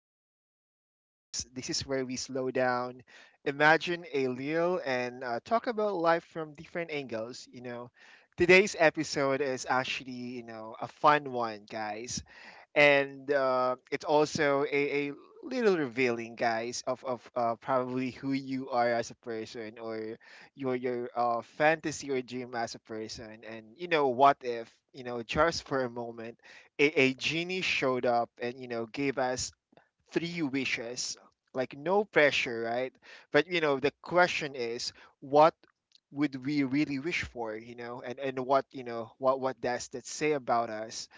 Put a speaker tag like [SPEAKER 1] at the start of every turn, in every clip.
[SPEAKER 1] in an Hour podcast. This is where we slow down, imagine a little, and talk about life from different angles. You know, today's episode is actually, a fun one, guys, and it's also a little revealing, guys, of probably who you are as a person, or your fantasy or dream as a person. And what if, just for a moment, a genie showed up and gave us three wishes? Like, no pressure, right? But the question is, what would we really wish for? And what, what does that say about us?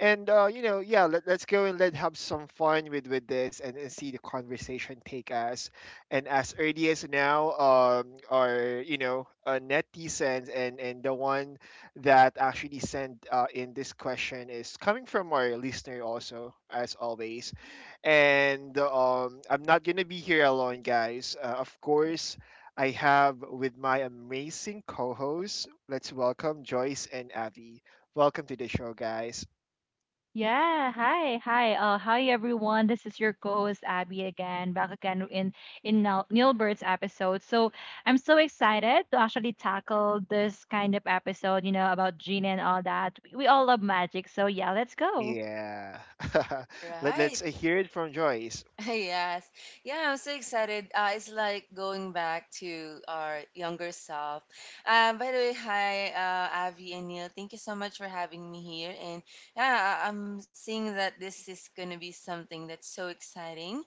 [SPEAKER 1] And yeah, let's go and let have some fun with this, and see the conversation take us. And as early as now, our, netizens, and the one that actually sent in this question is coming from our listener, also, as always. And I'm not gonna be here alone, guys, of course. I have with my amazing co-hosts. Let's welcome Joyce and Avi. Welcome to the show, guys.
[SPEAKER 2] Yeah, hi, hi everyone. This is your co-host Abby again, back again in Nilbert's episode. So I'm so excited to actually tackle this kind of episode, you know, about Gina and all that. We all love magic, so yeah, let's go.
[SPEAKER 1] Yeah.
[SPEAKER 3] All
[SPEAKER 1] Let's
[SPEAKER 3] right.
[SPEAKER 1] hear it from Joyce.
[SPEAKER 3] Yes. Yeah, I'm so excited. It's like going back to our younger self. By the way, hi, Avi and Neil. Thank you so much for having me here. And yeah, I'm seeing that this is going to be something that's so exciting.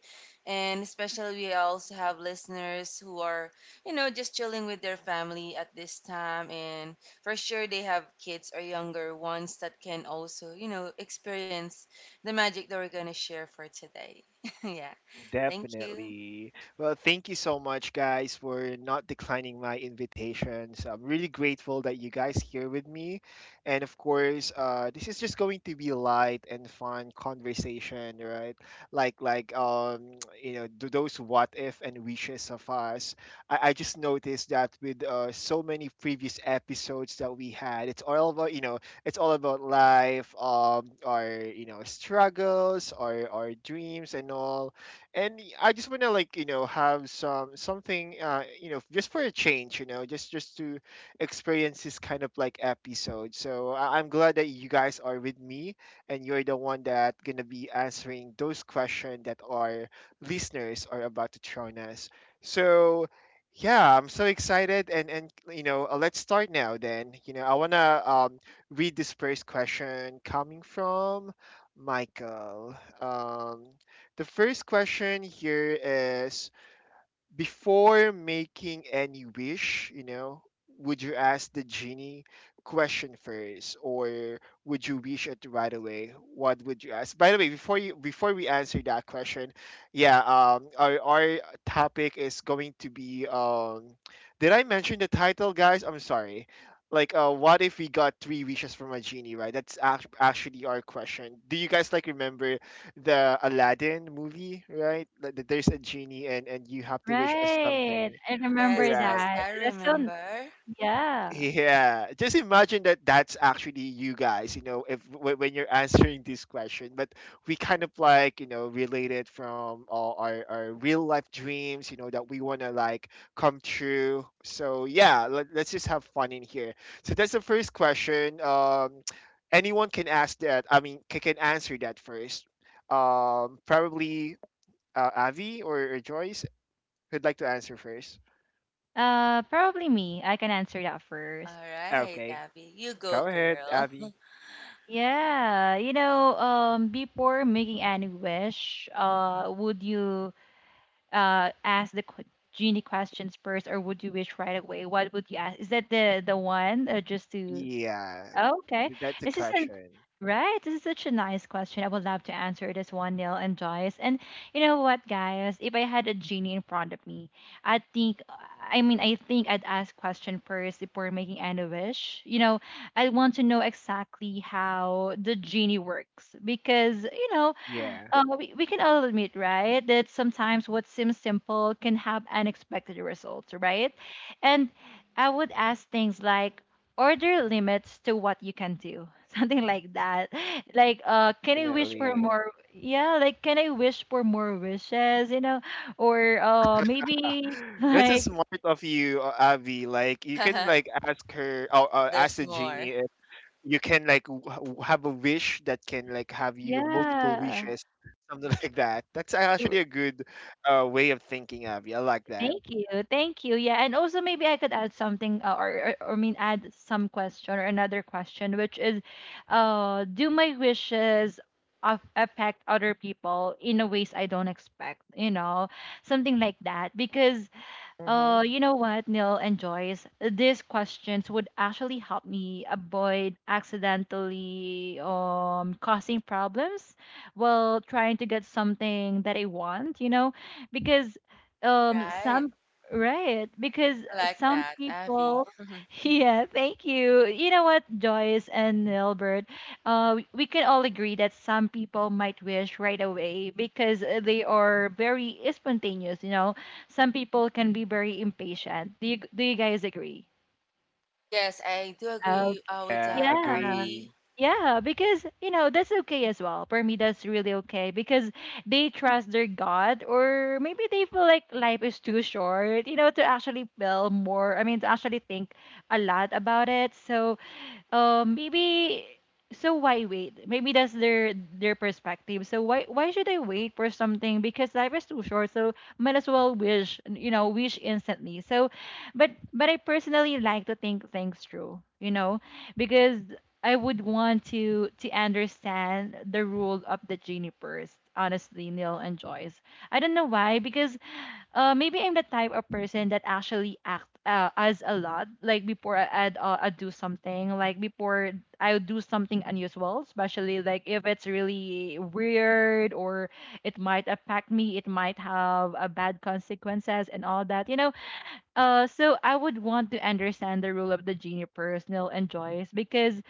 [SPEAKER 3] And especially, we also have listeners who are, just chilling with their family at this time. And for sure, they have kids or younger ones that can also, experience the magic that we're going to share for today. Yeah. Thank you.
[SPEAKER 1] Definitely. Well, thank you so much, guys, for not declining my invitations. I'm really grateful that you guys here with me. And of course, this is just going to be light and fun conversation, right? Like, those what if and wishes of us. I just noticed that with so many previous episodes that we had, it's all about, it's all about life, our, struggles, our dreams and all. And I just want to like have something, just for a change, just to experience this kind of like episode. So I'm glad that you guys are with me, and you're the one that gonna be answering those questions that our listeners are about to throw on us. So yeah, I'm so excited, and let's start now. Then, I wanna, read this first question coming from Michael. um the first question here is: before making any wish, would you ask the genie question first, or would you wish it right away? What would you ask? By the way, before we answer that question, yeah, our topic is going to be, did I mention the title, guys? I'm sorry. Like, what if we got three wishes from a genie, right? That's actually our question. Do you guys like remember the Aladdin movie, right? Like, that there's a genie, and you have to wish us
[SPEAKER 2] Right,
[SPEAKER 1] something,
[SPEAKER 2] I
[SPEAKER 3] Yes,
[SPEAKER 2] remember
[SPEAKER 1] right?
[SPEAKER 3] yes, I
[SPEAKER 2] that. That's so n-
[SPEAKER 3] remember.
[SPEAKER 2] yeah.
[SPEAKER 1] Yeah, just imagine that that's actually you guys, if when you're answering this question. But we kind of like, relate it from all our real life dreams, that we want to like come true. So yeah, let's just have fun in here. So, that's the first question. Anyone can ask that, I mean, can answer that first, probably, Avi, or Joyce, who'd like to answer first?
[SPEAKER 2] Probably me. I can answer that
[SPEAKER 3] All
[SPEAKER 2] first.
[SPEAKER 3] right,
[SPEAKER 1] Okay,
[SPEAKER 3] Abby. You go,
[SPEAKER 1] go ahead,
[SPEAKER 3] girl.
[SPEAKER 1] Avi.
[SPEAKER 2] Yeah, you know, before making any wish, would you ask the genie questions first, or would you wish right away? What would you ask? Is that the one? Just to
[SPEAKER 1] Yeah,
[SPEAKER 2] oh, okay,
[SPEAKER 1] that's the
[SPEAKER 2] this isn't
[SPEAKER 1] question.
[SPEAKER 2] right. This is such a nice question. I would love to answer this one, Neil and Joyce. And you know what, guys? If I had a genie in front of me, I think. I mean, I think I'd ask question first before making any wish. You know, I want to know exactly how the genie works because you know
[SPEAKER 1] Yeah,
[SPEAKER 2] we can all admit, right, that sometimes what seems simple can have unexpected results, right? And I would ask things like, order limits to what you can do, something like that. Like, can I wish for
[SPEAKER 1] definitely.
[SPEAKER 2] more? Yeah, like, can I wish for more wishes, you know? Or uh,
[SPEAKER 1] Ah,
[SPEAKER 2] maybe,
[SPEAKER 1] that's a
[SPEAKER 2] like,
[SPEAKER 1] smart of you, Avi. Like, you can like ask her, or ask
[SPEAKER 3] There's
[SPEAKER 1] the
[SPEAKER 3] more.
[SPEAKER 1] genie if you can like have a wish that can like have you multiple
[SPEAKER 2] yeah.
[SPEAKER 1] wishes, something like that. That's actually a good, way of thinking, Avi. I like that.
[SPEAKER 2] Thank you. Thank you. Yeah, and also maybe I could add something or mean add some question or another question, which is do my wishes of affect other people in a ways I don't expect, you know, something like that because
[SPEAKER 1] Mm-hmm.
[SPEAKER 2] you know what, Neil and Joyce? These questions would actually help me avoid accidentally causing problems while trying to get something that I want, you know? Because um
[SPEAKER 3] Right.
[SPEAKER 2] some right, because
[SPEAKER 3] I like
[SPEAKER 2] some
[SPEAKER 3] that, Abby.
[SPEAKER 2] people yeah, thank you. You know what, Joyce and Nilbert, we can all agree that some people might wish right away because they are very spontaneous, you know, some people can be very impatient. Do you guys agree?
[SPEAKER 3] Yes, I do
[SPEAKER 2] Uh,
[SPEAKER 3] agree with
[SPEAKER 1] Yeah,
[SPEAKER 3] that,
[SPEAKER 2] yeah,
[SPEAKER 3] Abby.
[SPEAKER 1] agree.
[SPEAKER 2] yeah, because you know that's okay as well. For me, that's really okay because they trust their God, or maybe they feel like life is too short, you know, to actually feel more. I mean, to actually think a lot about it. So maybe so why wait? Maybe that's their perspective. So why should I wait for something? Because life is too short. So might as well wish, you know, wish instantly. So, but I personally like to think things through, you know, because I would want to understand the rule of the genie first. Honestly, Neil and Joyce. I don't know why because maybe I'm the type of person that actually act as a lot. Like before I'd do something, like before I'll do something unusual, especially like if it's really weird or it might affect me, it might have a bad consequences and all that, you know. So I would want to understand the rule of the genie personal and joys because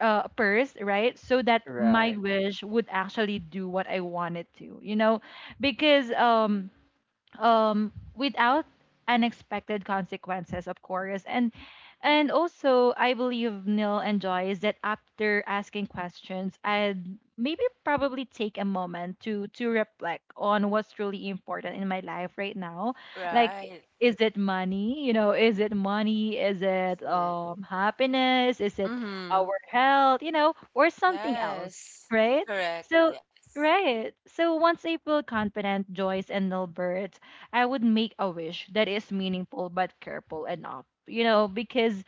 [SPEAKER 2] first, right? So that my
[SPEAKER 1] Right,
[SPEAKER 2] wish would actually do what I wanted to, you know, because without unexpected consequences, of course. And also I believe Neil enjoys that after asking questions, I'd maybe probably take a moment to reflect on what's really important in my life right now. like i-
[SPEAKER 3] Right.
[SPEAKER 2] is it money, you know, is it money, is it
[SPEAKER 3] That's it.
[SPEAKER 2] happiness, is it
[SPEAKER 3] Mm-hmm.
[SPEAKER 2] our health, you know, or something else,
[SPEAKER 3] Yes.
[SPEAKER 2] right?
[SPEAKER 3] Correct.
[SPEAKER 2] So
[SPEAKER 3] Yes.
[SPEAKER 2] right, so once I feel confident, Joyce and Nilbert, I would make a wish that is meaningful but careful enough. You know, because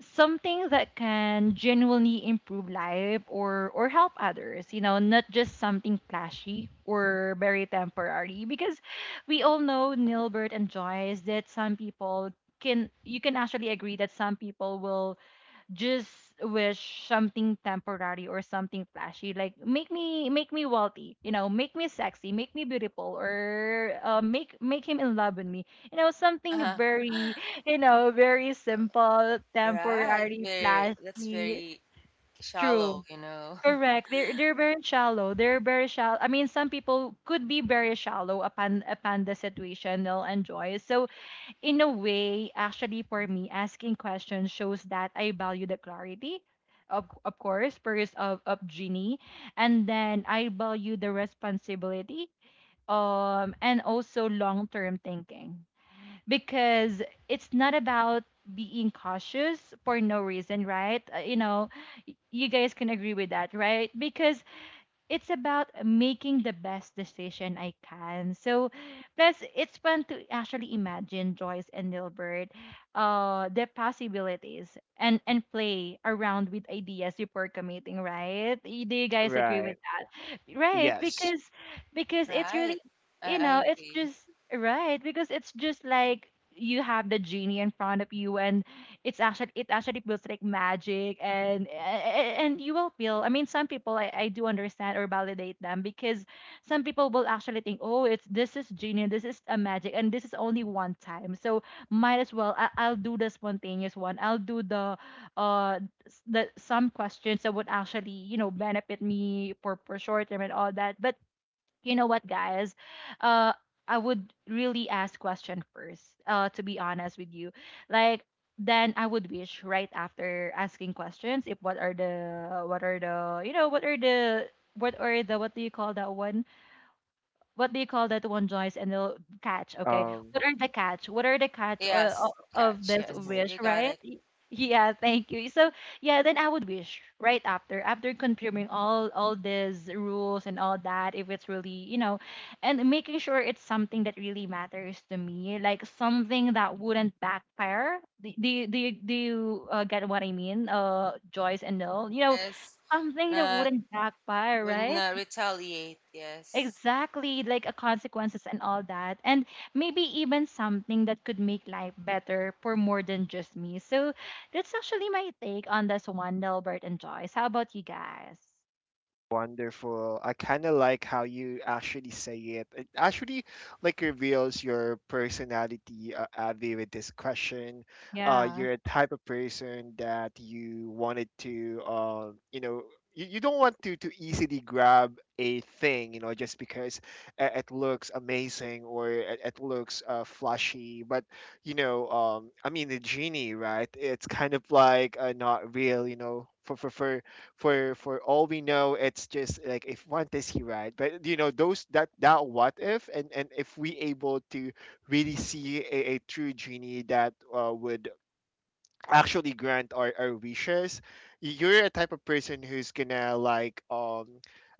[SPEAKER 2] something that can genuinely improve life or help others, you know, not just something flashy or very temporary. Because we all know Nilbert and Joyce that some people can, you can actually agree that some people will just wish something temporary or something flashy like make me wealthy, you know, make me sexy, make me beautiful, or make make him in love with me, you know, something very you know very simple,
[SPEAKER 3] Right.
[SPEAKER 2] temporary,
[SPEAKER 3] Very, that's
[SPEAKER 2] flashy.
[SPEAKER 3] very
[SPEAKER 2] True.
[SPEAKER 3] shallow.
[SPEAKER 2] Correct, they're very shallow, they're very shallow. I mean some people could be very shallow upon upon the situational and joy. So in a way, actually, for me, asking questions shows that I value the clarity, of course, first of Ginny, and then I value the responsibility and also long term thinking because it's not about being cautious for no reason, right? You know, you guys can agree with that, right? Because it's about making the best decision I can. So, plus it's fun to actually imagine Joyce and Nilbert, the possibilities and play around with ideas before committing. Right? Do you guys agree with?
[SPEAKER 1] right.
[SPEAKER 2] Right,
[SPEAKER 1] Yes.
[SPEAKER 2] because it's really
[SPEAKER 3] Right. I,
[SPEAKER 2] you
[SPEAKER 3] I
[SPEAKER 2] know it's
[SPEAKER 3] agree.
[SPEAKER 2] just right because it's just like you have the genie in front of you, and it's actually it actually feels like magic. And and you will feel, I mean some people, I do understand or validate them because some people will actually think, oh, it's this is genie, this is a magic and this is only one time. So might as well, I, I'll do the spontaneous one, I'll do the uh that some questions that would actually, you know, benefit me for short term and all that. But you know what, guys, uh I would really ask question first, to be honest with you, like then I would wish right after asking questions if what are the what are the, you know, what are the what are the what do you call that one, what do you call that one, Joyce? And they'll catch. Okay,
[SPEAKER 3] Um,
[SPEAKER 1] Um,
[SPEAKER 2] what are the catch? What are the catch
[SPEAKER 3] yes,
[SPEAKER 2] of
[SPEAKER 3] catch.
[SPEAKER 2] this
[SPEAKER 3] Yes.
[SPEAKER 1] mhm.
[SPEAKER 2] wish,
[SPEAKER 3] You got
[SPEAKER 2] right?
[SPEAKER 3] it.
[SPEAKER 2] Yeah, thank you. So yeah, then I would wish right after after confirming all these rules and all that, if it's really you know, and making sure it's something that really matters to me, like something that wouldn't backfire. Do you get what I mean, Joyce and Noel? You know,
[SPEAKER 3] Yes.
[SPEAKER 2] something that
[SPEAKER 3] Not
[SPEAKER 2] wouldn't backfire,
[SPEAKER 3] would
[SPEAKER 2] right?
[SPEAKER 3] not retaliate. Yes.
[SPEAKER 2] Exactly, like a consequences and all that. And maybe even something that could make life better for more than just me. So that's actually my take on this one, Delbert and Joyce. How about you guys?
[SPEAKER 1] Wonderful. I kind of like how you actually say it. It actually like reveals your personality, Avi, with this question.
[SPEAKER 2] Yeah.
[SPEAKER 1] You're a type of person that you wanted to, you don't want to easily grab a thing, just because it looks amazing, or it looks flashy. But, I mean, the genie, right? It's kind of like, not real, for for all we know. It's just like if want is he, right? But those, that what if, and if we able to really see a true genie that would actually grant our wishes, you're a type of person who's gonna like,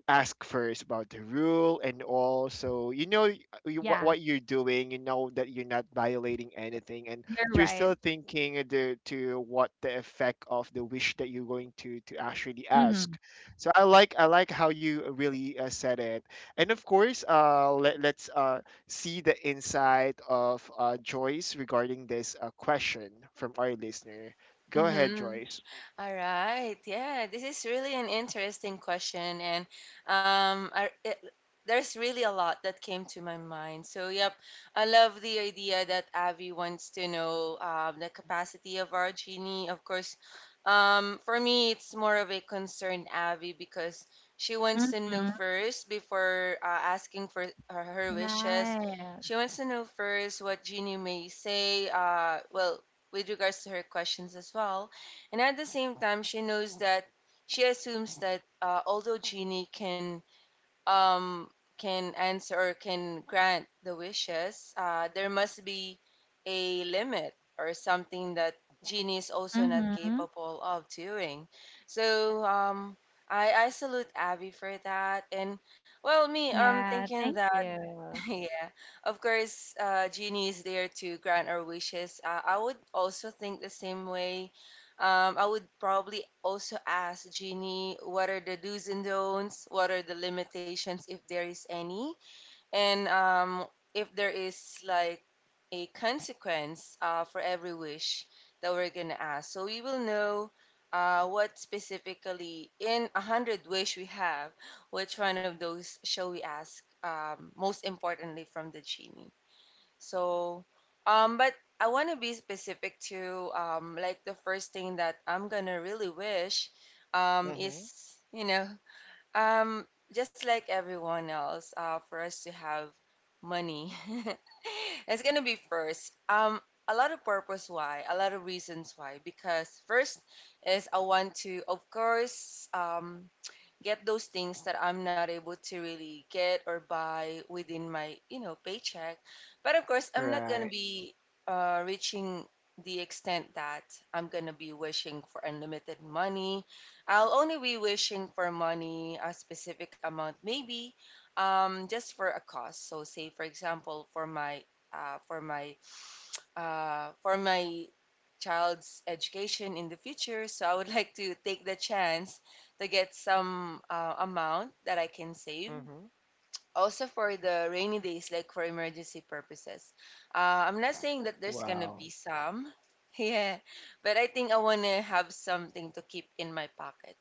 [SPEAKER 1] ask first about the rule and all, so you, what,
[SPEAKER 2] Yeah,
[SPEAKER 1] what you're doing, you know, that you're not violating anything, and
[SPEAKER 2] you're
[SPEAKER 1] you're
[SPEAKER 2] right.
[SPEAKER 1] still thinking to what the effect of the wish that you're going to actually
[SPEAKER 2] Mm-hmm.
[SPEAKER 1] ask. So I like how you really said it. And of course, let's see the insight of Joyce regarding this question from our listener. Go ahead,
[SPEAKER 3] Mm-hmm.
[SPEAKER 1] Joyce.
[SPEAKER 3] All right. Yeah, this is really an interesting question, and um, I, it, there's really a lot that came to my mind. So, yep, I love the idea that Avi wants to know the capacity of our genie. Of course, for me, it's more of a concerned Avi because she wants to know
[SPEAKER 2] Mm-hmm.
[SPEAKER 3] first before asking for her wishes.
[SPEAKER 2] Right.
[SPEAKER 3] She wants to know first what Genie may say. Well, with regards to her questions as well, and at the same time, she knows that she assumes that although Genie um, can answer or can grant the wishes, there must be a limit or something that Genie is also not
[SPEAKER 2] Mm-hmm.
[SPEAKER 3] capable of doing. So I salute Abby for that. And well, me, I'm
[SPEAKER 2] Yeah,
[SPEAKER 3] thinking
[SPEAKER 2] thank
[SPEAKER 3] that.
[SPEAKER 2] you.
[SPEAKER 3] Yeah, of course, Genie is there to grant our wishes. I would also think the same way. I would probably also ask Genie what are the do's and don'ts, what are the limitations, if there is any. And if there is like a consequence for every wish that we're going to ask. So we will know what specifically in a hundred wish we have, which one of those shall we ask most importantly from the genie. So, but I want to be specific to like the first thing that I'm going to really wish
[SPEAKER 1] Hmm.
[SPEAKER 3] is, um, just like everyone else, for us to have money, it's gonna be first. A lot of purpose why, a lot of reasons why. Because first is I want to, of course, get those things that I'm not able to really get or buy within my, paycheck. But of course, I'm not going to
[SPEAKER 1] Right.
[SPEAKER 3] be reaching the extent that I'm going to be wishing for unlimited money. I'll only be wishing for money, a specific amount, maybe just for a cause. So, say, for example, uh, for my for my child's education in the future. So I would like to take the chance to get some amount that I can save
[SPEAKER 1] Hmm.
[SPEAKER 3] also for the rainy days, like for emergency purposes. I'm not saying that there's gonna be
[SPEAKER 1] Wow.
[SPEAKER 3] some, yeah, but I think I wanna have something to keep in my pocket.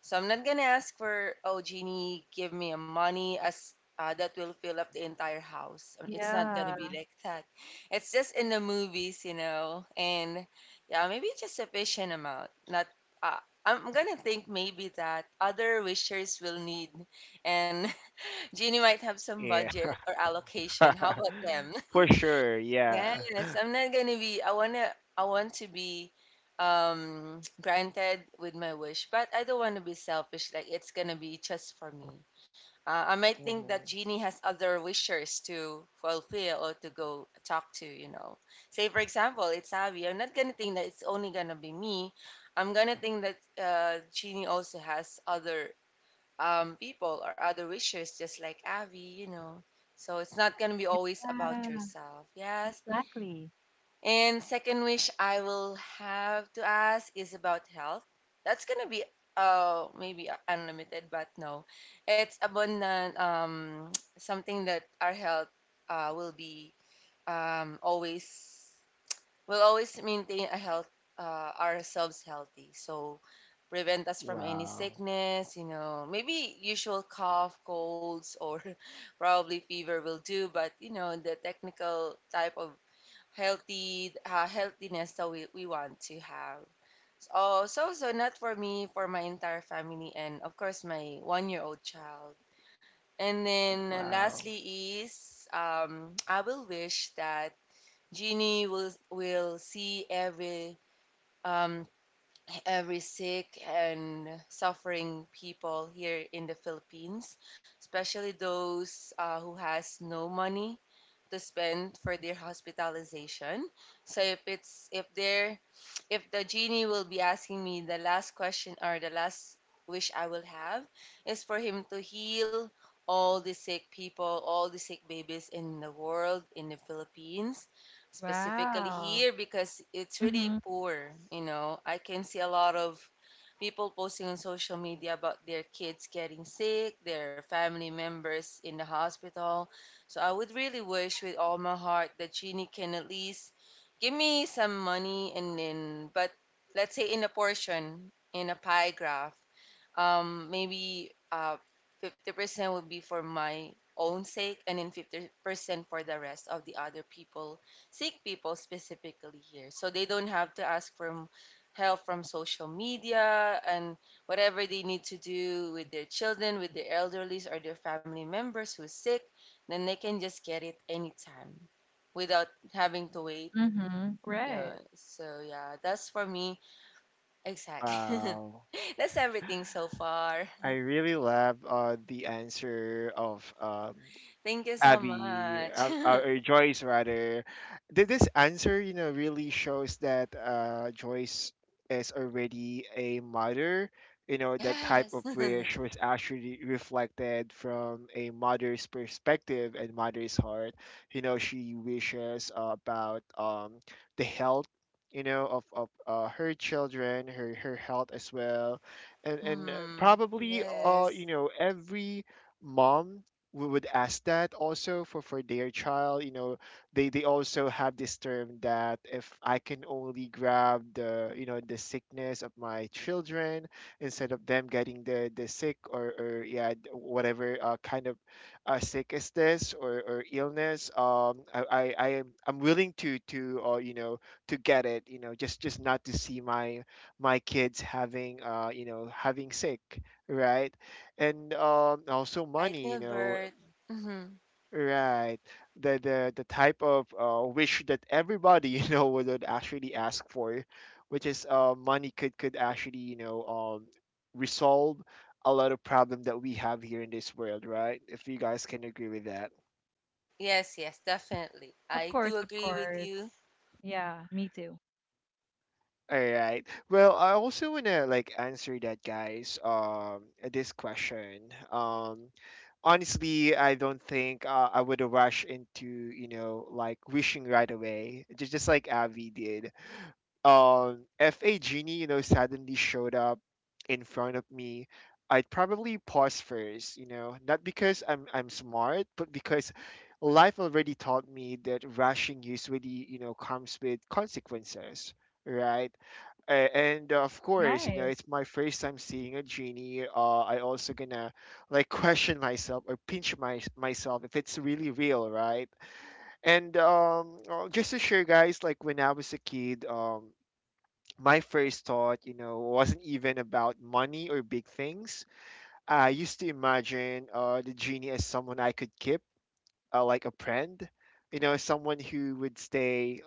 [SPEAKER 3] So I'm not gonna ask for, oh, Jeannie, give me a money as that will fill up the entire house. It's not gonna
[SPEAKER 2] Yeah.
[SPEAKER 3] be like that. It's just in the movies, and yeah, maybe just sufficient amount. Not, uh, I'm gonna think maybe that other wishers will need, and Jeannie might have some
[SPEAKER 1] Yeah.
[SPEAKER 3] budget or allocation. How about them?
[SPEAKER 1] For sure. Yeah.
[SPEAKER 3] Yes, I'm not gonna be. I wanna. I want to be granted with my wish, but I don't want to be selfish. Like it's gonna be just for me. I might think that
[SPEAKER 1] Hmm.
[SPEAKER 3] Jeannie has other wishers to fulfill or to go talk to. Say, for example, it's Abby. I'm not gonna think that it's only gonna be me. I'm gonna think that Jeannie also has other people or other wishers, just like Avi. So it's not going to be always about
[SPEAKER 2] Yeah,
[SPEAKER 3] yourself. Yes.
[SPEAKER 2] exactly.
[SPEAKER 3] And second wish I will have to ask is about health. That's going to be maybe unlimited, but no, it's abundant, something that our health will be always. We'll always maintain a health, ourselves healthy. So prevent us from any
[SPEAKER 1] Wow.
[SPEAKER 3] sickness, maybe usual cough, colds, or probably fever will do. But, the technical type of healthy healthiness that we want to have. Oh, so not for me, for my entire family, and of course my one-year-old child. And then
[SPEAKER 1] Wow.
[SPEAKER 3] lastly is I will wish that Jeannie will see um, every sick and suffering people here in the Philippines, especially those who has no money to spend for their hospitalization. So, if the genie will be asking me the last question or the last wish I will have is for him to heal all the sick people, all the sick babies in the world, in the Philippines, specifically
[SPEAKER 2] Wow.
[SPEAKER 3] here because it's really
[SPEAKER 2] Mm-hmm.
[SPEAKER 3] poor. I can see a lot of people posting on social media about their kids getting sick, their family members in the hospital. So I would really wish with all my heart that Genie can at least give me some money, and then, but let's say in a portion, in a pie graph, maybe 50% would be for my own sake and then 50% for the rest of the other people, sick people specifically here, so they don't have to ask for help from social media, and whatever they need to do with their children, with their elderlies, or their family members who's sick, then they can just get it anytime without having to wait.
[SPEAKER 2] Mm-hmm.
[SPEAKER 3] Yeah,
[SPEAKER 2] Great.
[SPEAKER 3] so yeah, that's for me exactly.
[SPEAKER 1] Wow.
[SPEAKER 3] That's everything so far.
[SPEAKER 1] I really love the answer of,
[SPEAKER 3] Thank you so
[SPEAKER 1] Abby,
[SPEAKER 3] much.
[SPEAKER 1] or Joyce rather. This answer, really shows that Joyce is already a mother. That type
[SPEAKER 3] Yes.
[SPEAKER 1] of wish was actually reflected from a mother's perspective and mother's heart. She wishes about, the health. Of her children, her health as well, and and
[SPEAKER 3] Hmm.
[SPEAKER 1] probably,
[SPEAKER 3] Yes.
[SPEAKER 1] every mom, we would ask that also for their child. They also have this term that if I can only grab the you know the sickness of my children instead of them getting the sick, or yeah, whatever kind of sick is this, or illness, I I'm willing to to get it, just not to see my kids having, having sick, right? And also
[SPEAKER 3] Right,
[SPEAKER 1] money,
[SPEAKER 3] Nilbert. Hmm.
[SPEAKER 1] Right. The type of wish that everybody would actually ask for, which is money, could actually, resolve a lot of problem that we have here in this world, right? If you guys can agree with that.
[SPEAKER 3] Yes, yes, definitely.
[SPEAKER 2] Of
[SPEAKER 3] I
[SPEAKER 2] course,
[SPEAKER 3] do
[SPEAKER 2] of
[SPEAKER 3] agree with you.
[SPEAKER 2] course. Yeah, me too.
[SPEAKER 1] All right. Well, I also wanna like answer that, guys, this question. Honestly, I don't think I would rush into, like wishing right away. Just like Avi did. If a genie, suddenly showed up in front of me, I'd probably pause first, not because I'm smart, but because life already taught me that rushing usually, comes with consequences, right? And of course,
[SPEAKER 2] Right,
[SPEAKER 1] it's my first time seeing a genie. I also gonna like question myself, or pinch my myself if it's really real, right? And just to share, guys, like when I was a kid, my first thought, wasn't even about money or big things. I used to imagine the genie as someone I could keep, like a friend, someone who would stay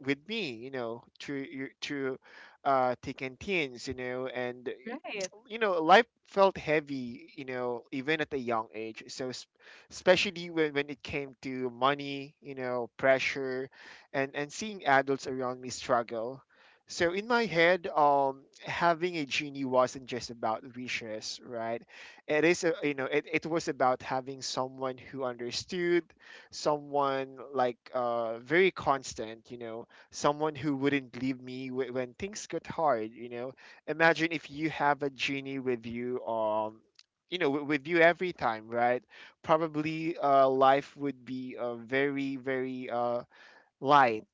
[SPEAKER 1] with me, through through thick and thins, and,
[SPEAKER 2] right.
[SPEAKER 1] life felt heavy, even at a young age. So, especially when it came to money, pressure, and seeing adults around me struggle. So in my head, having a genie wasn't just about wishes, right? It is, a, you know, it was about having someone who understood, someone like, very constant, someone who wouldn't leave me when things got hard, imagine if you have a genie with you, with you every time, right? Probably, life would be, very very, light.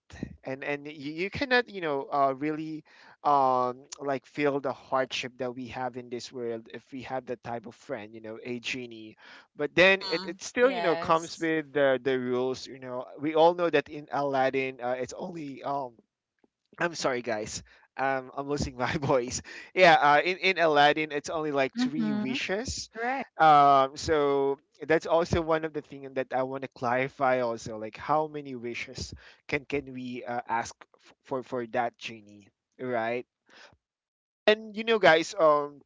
[SPEAKER 1] And you cannot, really, like feel the hardship that we have in this world if we have that type of friend, a genie. But then it,
[SPEAKER 3] Hmm.
[SPEAKER 1] it still, comes
[SPEAKER 3] Yes.
[SPEAKER 1] with the rules. We all know that in Aladdin, it's only, I'm sorry, guys. I'm losing my voice. Yeah, in Aladdin, it's only like three
[SPEAKER 2] Mm-hmm.
[SPEAKER 1] wishes.
[SPEAKER 2] Right.
[SPEAKER 1] So that's also one of the things that I want to clarify. Also, like, how many wishes can we ask for that genie, right? And you know, guys,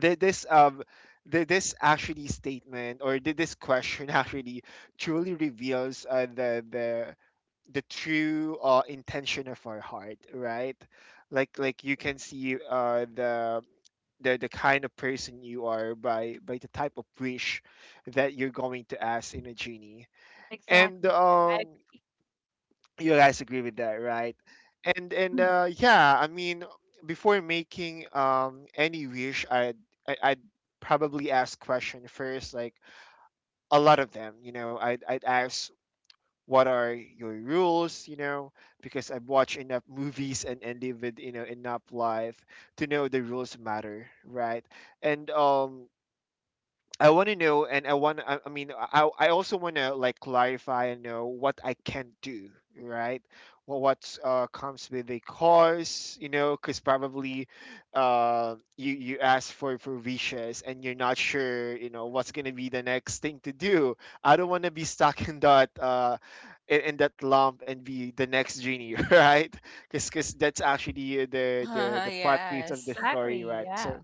[SPEAKER 1] thi- this um this actually statement or this question actually truly reveals the the true intention of our heart, right? Like you can see the the kind of person you are by the type of wish that you're going to ask in a genie. And
[SPEAKER 2] Exactly. I,
[SPEAKER 1] you guys agree with that, right? and and
[SPEAKER 2] mhm,
[SPEAKER 1] uh yeah, I mean, before making any wish, I'd probably ask question first, like a lot of them, you know. I'd ask what are your rules, you know, because I've watched enough movies and lived, you know, enough life to know the rules matter, right? And I want to know, and I want. I mean, I also want to like clarify and know what I can do, right? Well, what comes with the cars, you know, because probably, you ask for wishes, and you're not sure, you know, what's gonna be the next thing to do. I don't want to be stuck in that in that lump and be the next genie, right? Because that's actually the the plot piece of the
[SPEAKER 3] Yes.
[SPEAKER 1] story,
[SPEAKER 2] exactly.
[SPEAKER 1] right?
[SPEAKER 2] Yeah.
[SPEAKER 1] So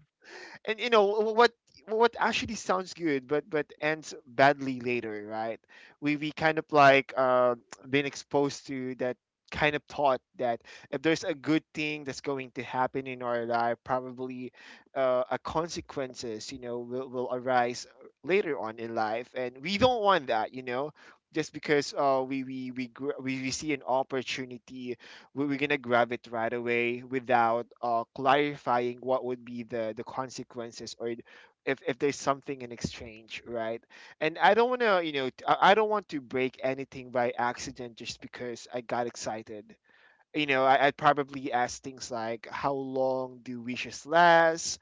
[SPEAKER 1] and you know what actually sounds good, but ends badly later, right? We kind of like been exposed to that kind of thought that if there's a good thing that's going to happen in our life, probably a consequences, you know, will arise later on in life, and we don't want that, you know. Just because we see an opportunity, we're gonna grab it right away without clarifying what would be the consequences or if there's something in exchange, right? And I don't want to, you know, I don't want to break anything by accident just because I got excited, you know. I'd probably ask things like how long do wishes last,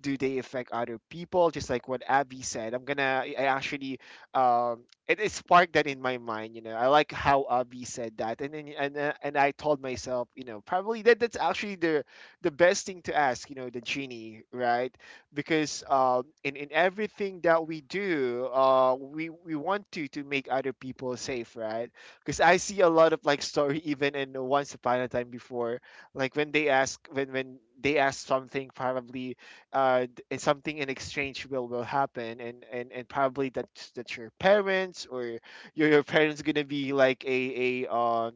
[SPEAKER 1] do they affect other people, just like what Abby said. I actually it sparked that in my mind, you know. I like how Abby said that, and then and I told myself, you know, probably that's actually the best thing to ask, you know, the genie, right? Because in everything that we do, we want to make other people safe, right? Because I see a lot of like story even in Once Upon a Time before, like when they ask, when they ask something, probably and something in exchange will happen, and and probably that that your parents or your parents gonna be like a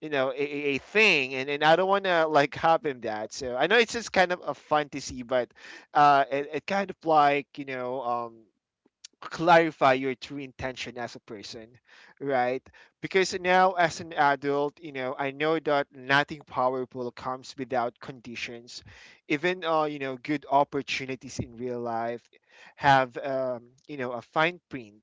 [SPEAKER 1] you know, a thing. And I don't want to like happen that. So I know it's just kind of a fantasy, but it kind of like, you know, clarify your true intention as a person, right? Because now, as an adult, you know, I know that nothing powerful comes without conditions. Even, you know, good opportunities in real life have, you know, a fine print.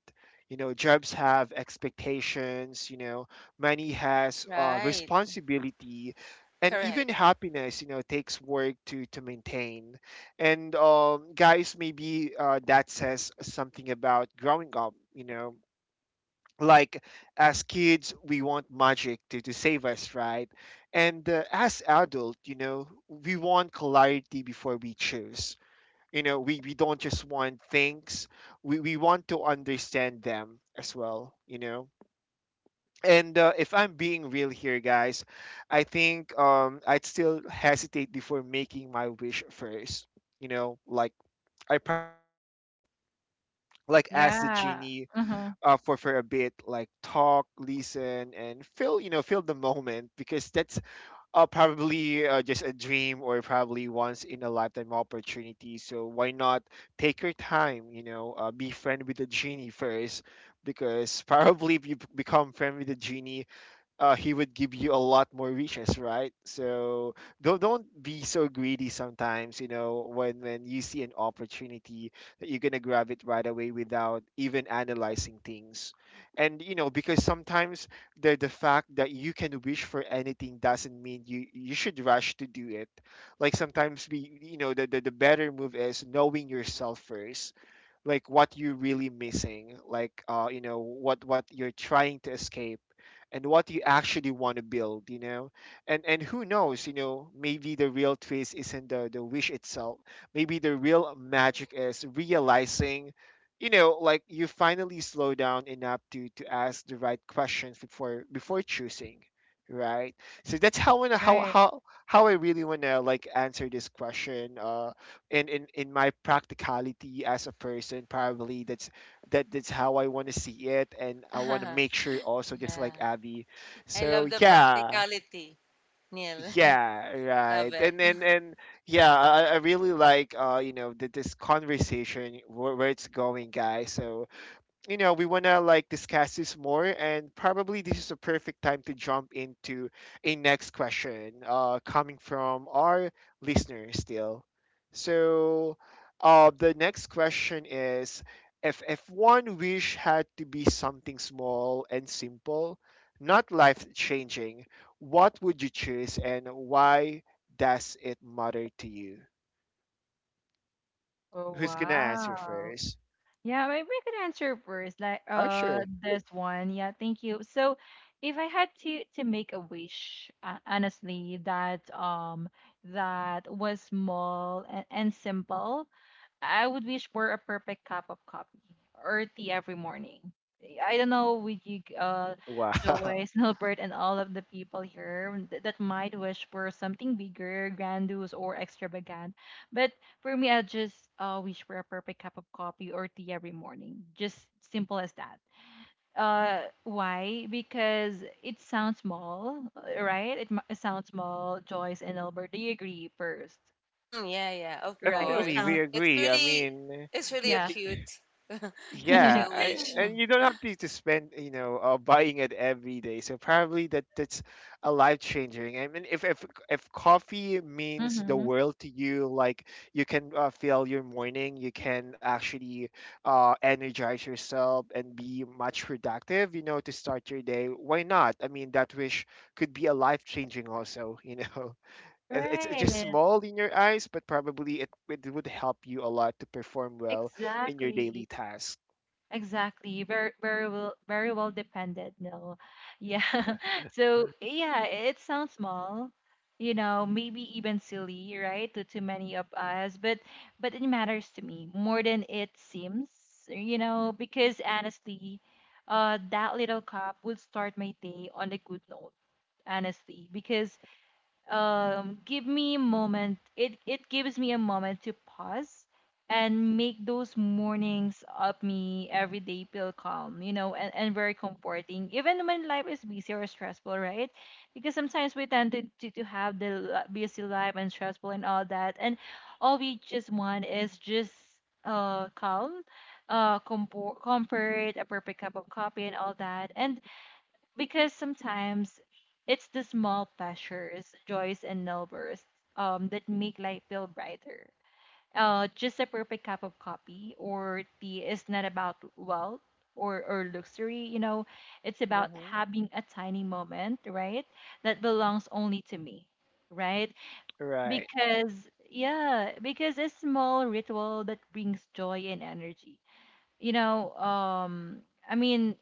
[SPEAKER 1] You know, jobs have expectations, you know, money has
[SPEAKER 3] Right.
[SPEAKER 1] responsibility, and
[SPEAKER 3] Correct.
[SPEAKER 1] even happiness, you know, takes work to maintain. And guys, maybe that says something about growing up, you know. Like as kids, we want magic to save us, right? And as adult, you know, we want clarity before we choose. You know, we don't just want things, we want to understand them as well, you know. And if I'm being real here, guys, I think I'd still hesitate before making my wish first, you know. Like I probably gonna like ask the
[SPEAKER 2] Yeah.
[SPEAKER 1] genie
[SPEAKER 2] Mm-hmm.
[SPEAKER 1] for a bit, like talk, listen, and feel, you know, feel the moment, because that's probably just a dream or probably once in a lifetime opportunity. So why not take your time? You know, be friend with the genie first, because probably if you become friend with the genie, he would give you a lot more riches, right? So don't be so greedy sometimes. You know, when you see an opportunity that you're gonna grab it right away without even analyzing things, and you know, because sometimes the fact that you can wish for anything doesn't mean you should rush to do it. Like sometimes we, you know, the better move is knowing yourself first, like what you're really missing, like you know, what you're trying to escape, and what you actually want to build, you know. And who knows, you know, maybe the real twist isn't the wish itself. Maybe the real magic is realizing, you know, like you finally slow down enough to ask the right questions before choosing, right? So that's how I wanna-
[SPEAKER 2] Right.
[SPEAKER 1] how I really wanna like answer this question. And in my practicality as a person, probably that's that's how I want to see it, and I want to make sure also just
[SPEAKER 3] Yeah.
[SPEAKER 1] like Abby.
[SPEAKER 3] I
[SPEAKER 1] So
[SPEAKER 3] love the
[SPEAKER 1] yeah,
[SPEAKER 3] practicality, Neil.
[SPEAKER 1] yeah,
[SPEAKER 3] Love
[SPEAKER 1] right.
[SPEAKER 3] it.
[SPEAKER 1] And Yeah, I, I really like, you know, this conversation where it's going, guys. So you know, we want to like discuss this more, and probably this is a perfect time to jump into a next question coming from our listener still. So, the next question is if one wish had to be something small and simple, not life changing, what would you choose and why does it matter to you?
[SPEAKER 2] Oh,
[SPEAKER 1] Who's going to answer
[SPEAKER 2] wow.
[SPEAKER 1] first?
[SPEAKER 2] Yeah, maybe I could answer first, like
[SPEAKER 1] Oh, sure.
[SPEAKER 2] this one. Yeah, thank you. So, if I had to make a wish, honestly, that that was small and simple, I would wish for a perfect cup of coffee or tea every morning. I don't know with you,
[SPEAKER 1] Wow.
[SPEAKER 2] Joyce, Nilbert, and all of the people here that might wish for something bigger, grandiose, or extravagant. But for me, I just wish for a perfect cup of coffee or tea every morning. Just simple as that. Why? Because it sounds small, right? It sounds small, Joyce and Albert. Do you agree first?
[SPEAKER 3] Mm, yeah, yeah, of
[SPEAKER 2] Right? It
[SPEAKER 1] Definitely, we
[SPEAKER 2] sounds,
[SPEAKER 3] course. It's
[SPEAKER 1] agree. I
[SPEAKER 3] really,
[SPEAKER 1] mean,
[SPEAKER 3] it's
[SPEAKER 1] y-
[SPEAKER 3] really a
[SPEAKER 2] yeah.
[SPEAKER 1] y-
[SPEAKER 3] cute, a cute
[SPEAKER 1] yeah, I,
[SPEAKER 3] wish.
[SPEAKER 1] and you don't have to spend, you know, buying it every day. So probably that's a life changing. I mean, if if coffee means the
[SPEAKER 2] Mm-hmm.
[SPEAKER 1] world to you, like you can fill your morning, you can actually energize yourself and be much productive, you know, to start your day. Why not? I mean, that wish could be a life changing also, you know. It- It's just
[SPEAKER 2] Right.
[SPEAKER 1] small in your eyes, but probably it, it would help you a lot to perform well in your daily
[SPEAKER 2] Exactly.
[SPEAKER 1] task.
[SPEAKER 2] Exactly. Very, very well, very well dependent. No. Yeah. So yeah, it sounds small, you know, maybe even silly, right, to many of us, but it matters to me more than it seems, you know, because honestly, that little cup would start my day on a good note, honestly, because give me a moment. It gives me a moment to pause and make those mornings of me every day feel calm, you know, and very comforting. Even when life is busy or stressful, right? Because sometimes we tend to have the busy life and stressful and all that. And all we just want is just calm, comfort, a perfect cup of coffee and all that. And because sometimes it's the small pleasures, joys, and nail bursts that make life feel brighter. Just a perfect cup of coffee or tea is not about wealth or luxury, you know, it's about
[SPEAKER 1] Mhm.
[SPEAKER 2] having a tiny moment, right? That belongs only to me, right?
[SPEAKER 1] Right,
[SPEAKER 2] Because, yeah, because a small ritual that brings joy and energy. You know, I mean,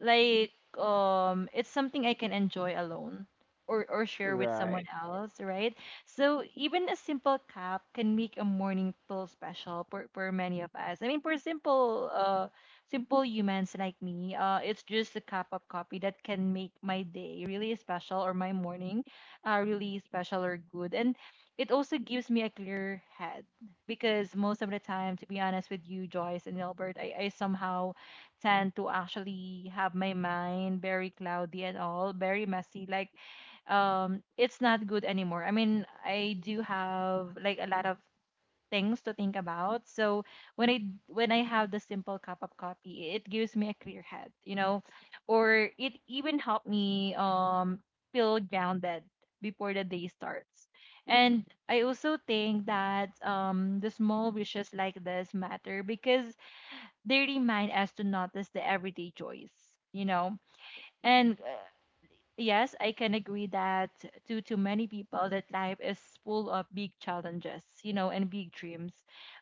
[SPEAKER 2] like it's something I can enjoy alone or share with someone
[SPEAKER 1] right.
[SPEAKER 2] else, right? So even a simple cup can make a morning feel special for many of us. I mean for simple humans like me, it's just a cup of coffee that can make my day really special or my morning really special or good. And it also gives me a clear head because most of the time, to be honest with you, Joyce and Albert, I somehow tend to actually have my mind very cloudy and all, very messy. It's not good anymore. I mean, I do have like a lot of things to think about. So when I have the simple cup of coffee, it gives me a clear head, or it even helped me feel grounded before the day starts. And I also think that the small wishes like this matter because they remind us to notice the everyday joys, you know. And Yes, I can agree that to many people that life is full of big challenges, you know, and big dreams,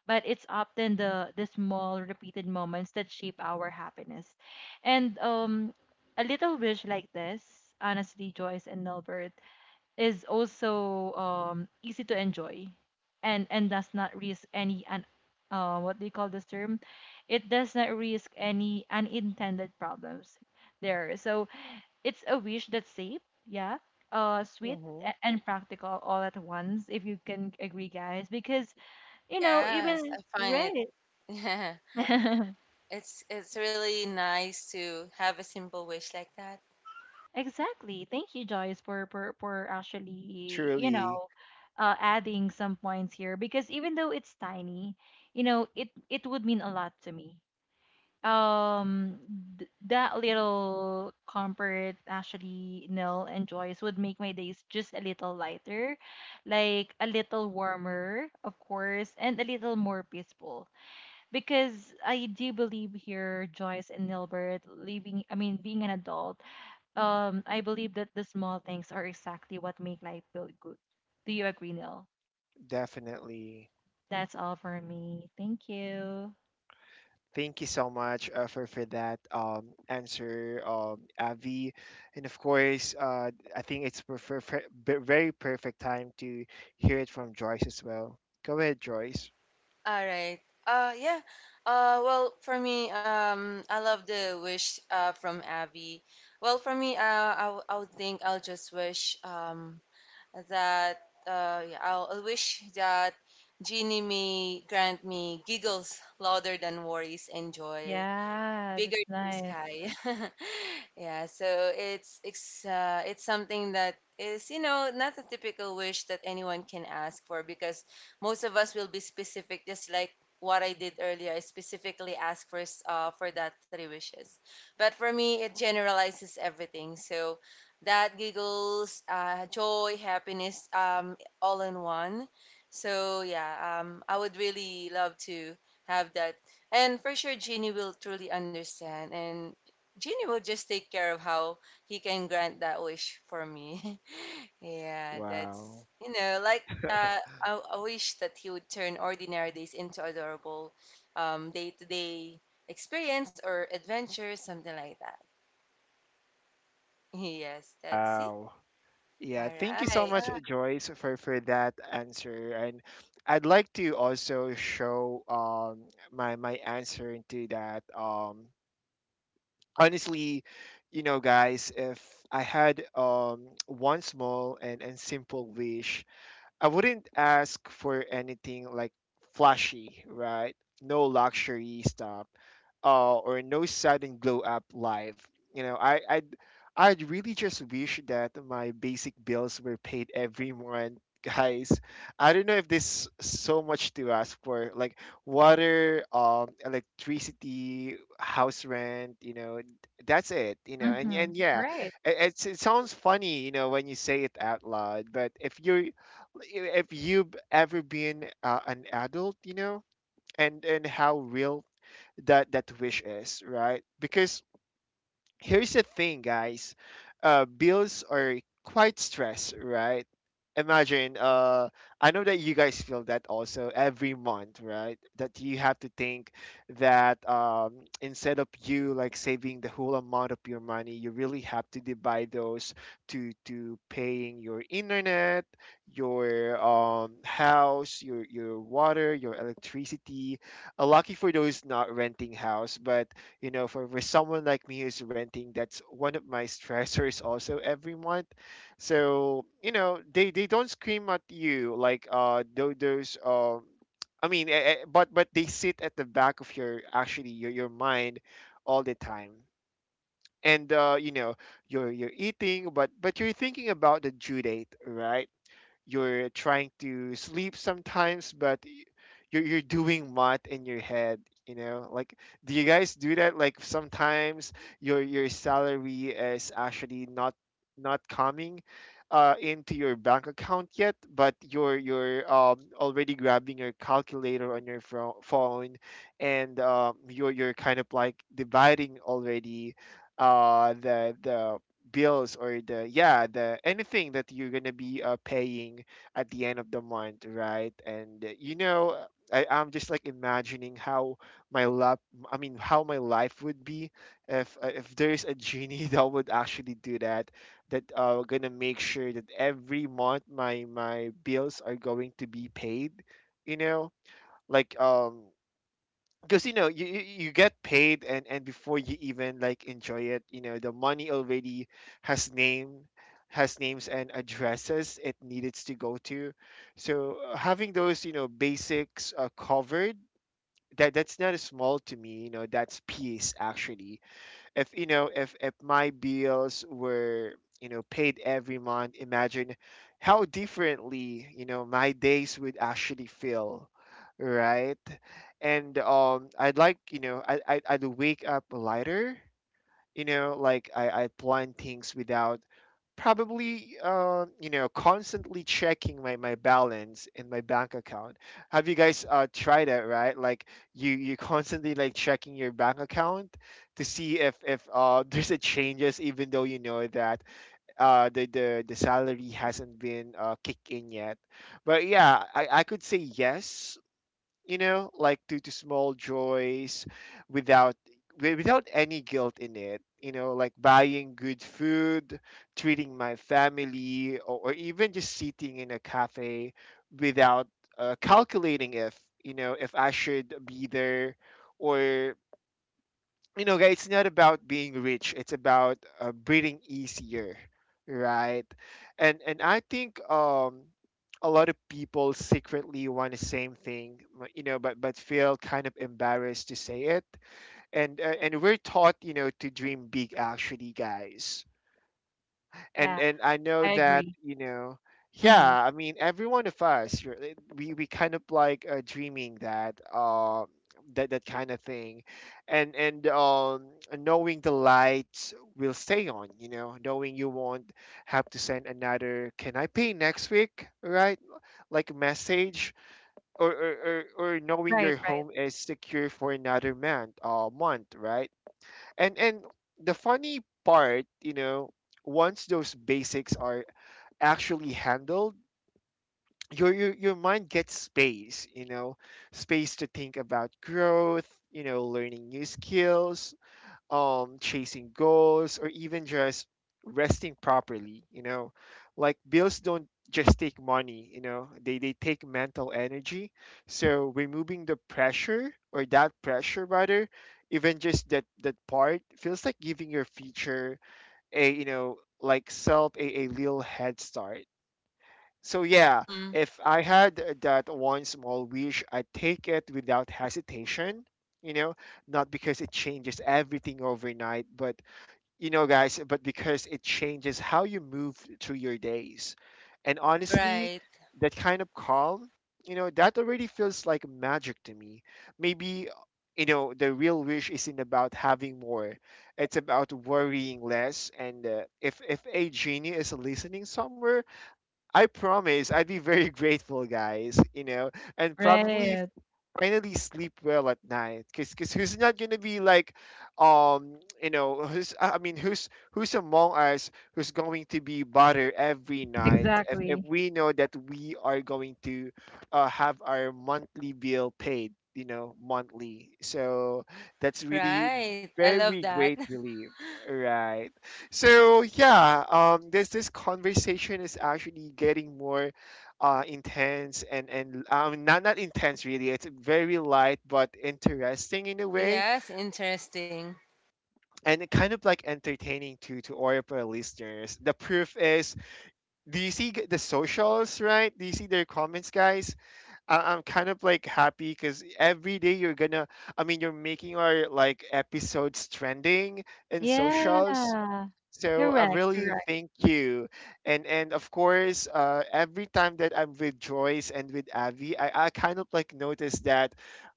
[SPEAKER 2] but it's often the small repeated moments that shape our happiness. And a little wish like this, honestly, Joyce and Nilbert, is also easy to enjoy and does not risk any what do you call this term, it does not risk any unintended problems there, so it's a wish that's safe, yeah, sweet,
[SPEAKER 1] Mhm.
[SPEAKER 2] and practical all at once, if you can agree, guys, because you know
[SPEAKER 3] Yes,
[SPEAKER 2] even
[SPEAKER 3] I find
[SPEAKER 2] right
[SPEAKER 3] it. It's really nice to have a simple wish like that.
[SPEAKER 2] Exactly. Thank you, Joyce, for for actually, you
[SPEAKER 1] Truly,
[SPEAKER 2] know, adding some points here because even though it's tiny, you know, it would mean a lot to me. Um, that little comfort actually, Nil and Joyce, would make my days just a little lighter, like a little warmer, of course, and a little more peaceful. Because I do believe here, Joyce and Nilbert, living, I mean, being an adult, I believe that the small things are exactly what make life feel good. Do you agree, Neil?
[SPEAKER 1] definitely.
[SPEAKER 2] That's all for me. Thank you.
[SPEAKER 1] Thank you so much for that answer, Avi, and of course, I think it's very perfect time to hear it from Joyce as well. Go ahead, Joyce.
[SPEAKER 3] All right. Yeah. Well, for me, I love the wish from Abby. Well, for me, I would think I'll just wish that yeah, I'll wish that Genie may grant me giggles louder than worries and joy,
[SPEAKER 2] Yeah,
[SPEAKER 3] bigger
[SPEAKER 2] that's
[SPEAKER 3] than the
[SPEAKER 2] nice.
[SPEAKER 3] sky. Yeah, so it's something that is not a typical wish that anyone can ask for because most of us will be specific, just like what I did earlier. I specifically asked for that three wishes, but for me it generalizes everything. So that giggles, joy, happiness, all in one. So yeah, I would really love to have that, and for sure, Genie will truly understand. And Genie will just take care of how he can grant that wish for me. Yeah,
[SPEAKER 1] Wow,
[SPEAKER 3] that's, like uh, I wish that he would turn ordinary days into adorable day-to-day experience or adventure, something like that. Yes, that's it.
[SPEAKER 1] wow. Yeah,
[SPEAKER 3] All
[SPEAKER 1] thank you so
[SPEAKER 3] right.
[SPEAKER 1] much, Joyce, for that answer. And I'd like to also show my answer into that. Honestly, you know, guys, if I had one small and simple wish, I wouldn't ask for anything like flashy, right? No luxury stuff, or no sudden glow up life. You know, I'd really just wish that my basic bills were paid every month, guys. I don't know if this so much to ask for, like water, electricity, house rent. You know, that's it. You know,
[SPEAKER 2] Mm-hmm.
[SPEAKER 1] and yeah,
[SPEAKER 2] Right.
[SPEAKER 1] it's, it sounds funny, you know, when you say it out loud, but if you've ever been an adult, you know, and how real that wish is, right? Because here's the thing, guys. Bills are quite stress, right? Imagine, I know that you guys feel that also every month, right? That you have to think that instead of you like saving the whole amount of your money, you really have to divide those to paying your internet, your house, your water, your electricity. Lucky for those not renting house, but you know for someone like me who's renting, that's one of my stressors also every month. So you know, they don't scream at you like tho- those I mean eh, eh, but they sit at the back of your actually your mind all the time. And you know, you're eating, but you're thinking about the due date, right? You're trying to sleep sometimes, but you're doing math in your head. You know, like do you guys do that? Like sometimes your salary is actually not coming, into your bank account yet, but you're already grabbing your calculator on your phone, and you're kind of like dividing already, the bills, or the yeah the anything that you're gonna be paying at the end of the month, right? And you know, I'm just like imagining how my lap I mean how my life would be if there's a genie that would actually do that gonna make sure that every month my bills are going to be paid, you know, like because you know you you get paid, and before you even like enjoy it, you know, the money already has name, has names and addresses it needed to go to. So having those, you know, basics covered, that's not a small to me, you know, that's peace actually. If you know, if my bills were, you know, paid every month, imagine how differently, you know, my days would actually feel, right? And I'd like, you know, I'd wake up lighter, you know, like I plan things without probably, you know, constantly checking my balance in my bank account. Have you guys tried that, right? Like you constantly like checking your bank account to see if there's a changes, even though you know that, the salary hasn't been kicked in yet. But yeah, I could say yes, you know, like to, small joys without without any guilt in it. You know, like buying good food, treating my family, or, even just sitting in a cafe without calculating if, you know, if I should be there, or, you know, guys, it's not about being rich. It's about breathing easier, right? And I think a lot of people secretly want the same thing, you know, but feel kind of embarrassed to say it. And we're taught, you know, to dream big, actually, guys, and
[SPEAKER 2] Yeah,
[SPEAKER 1] and I know
[SPEAKER 2] I
[SPEAKER 1] that,
[SPEAKER 2] agree.
[SPEAKER 1] you know,
[SPEAKER 2] Mm-hmm.
[SPEAKER 1] yeah. I mean, every one of us, we kind of like dreaming that that kind of thing, and knowing the lights will stay on. You know, knowing you won't have to send another, "Can I pay next week?" Right? Like, message, or or, knowing
[SPEAKER 2] Right,
[SPEAKER 1] your
[SPEAKER 2] right,
[SPEAKER 1] home is secure for another month. Right? And the funny part, you know, once those basics are actually handled, your mind gets space, you know, space to think about growth, you know, learning new skills, chasing goals, or even just resting properly, you know, like bills don't just take money, you know, they take mental energy. So removing the pressure, or that pressure rather, even just that part feels like giving your future, a, you know, like self, a little head start. So yeah,
[SPEAKER 3] Mm-hmm.
[SPEAKER 1] if I had that one small wish, I'd take it without hesitation, you know, not because it changes everything overnight, but, you know, guys, but because it changes how you move through your days. And honestly,
[SPEAKER 3] Right,
[SPEAKER 1] that kind of calm, you know, that already feels like magic to me. Maybe, you know, the real wish isn't about having more. It's about worrying less. And if a genie is listening somewhere, I promise I'd be very grateful, guys, you know, and probably
[SPEAKER 2] right.
[SPEAKER 1] finally sleep well at night because cause who's not gonna be like, you know, who's I mean, who's among us who's going to be bothered every night if,
[SPEAKER 2] Exactly.
[SPEAKER 1] we know that we are going to have our monthly bill paid, you know, monthly. So that's really
[SPEAKER 3] right. I love
[SPEAKER 1] very
[SPEAKER 3] that.
[SPEAKER 1] great relief, right? So yeah, this conversation is actually getting more intense, and, not intense really, it's very light but interesting in a way,
[SPEAKER 3] Yes, interesting.
[SPEAKER 1] and it kind of like entertaining to Orpa listeners. The proof is, do you see the socials, right? Do you see their comments, guys? I'm kind of like happy because every day you're gonna, I mean, you're making our like episodes trending in
[SPEAKER 2] Yeah,
[SPEAKER 1] socials. So I
[SPEAKER 2] correct,
[SPEAKER 1] really
[SPEAKER 2] correct.
[SPEAKER 1] thank you, and of course, every time that I'm with Joyce and with Avi, I kind of like notice that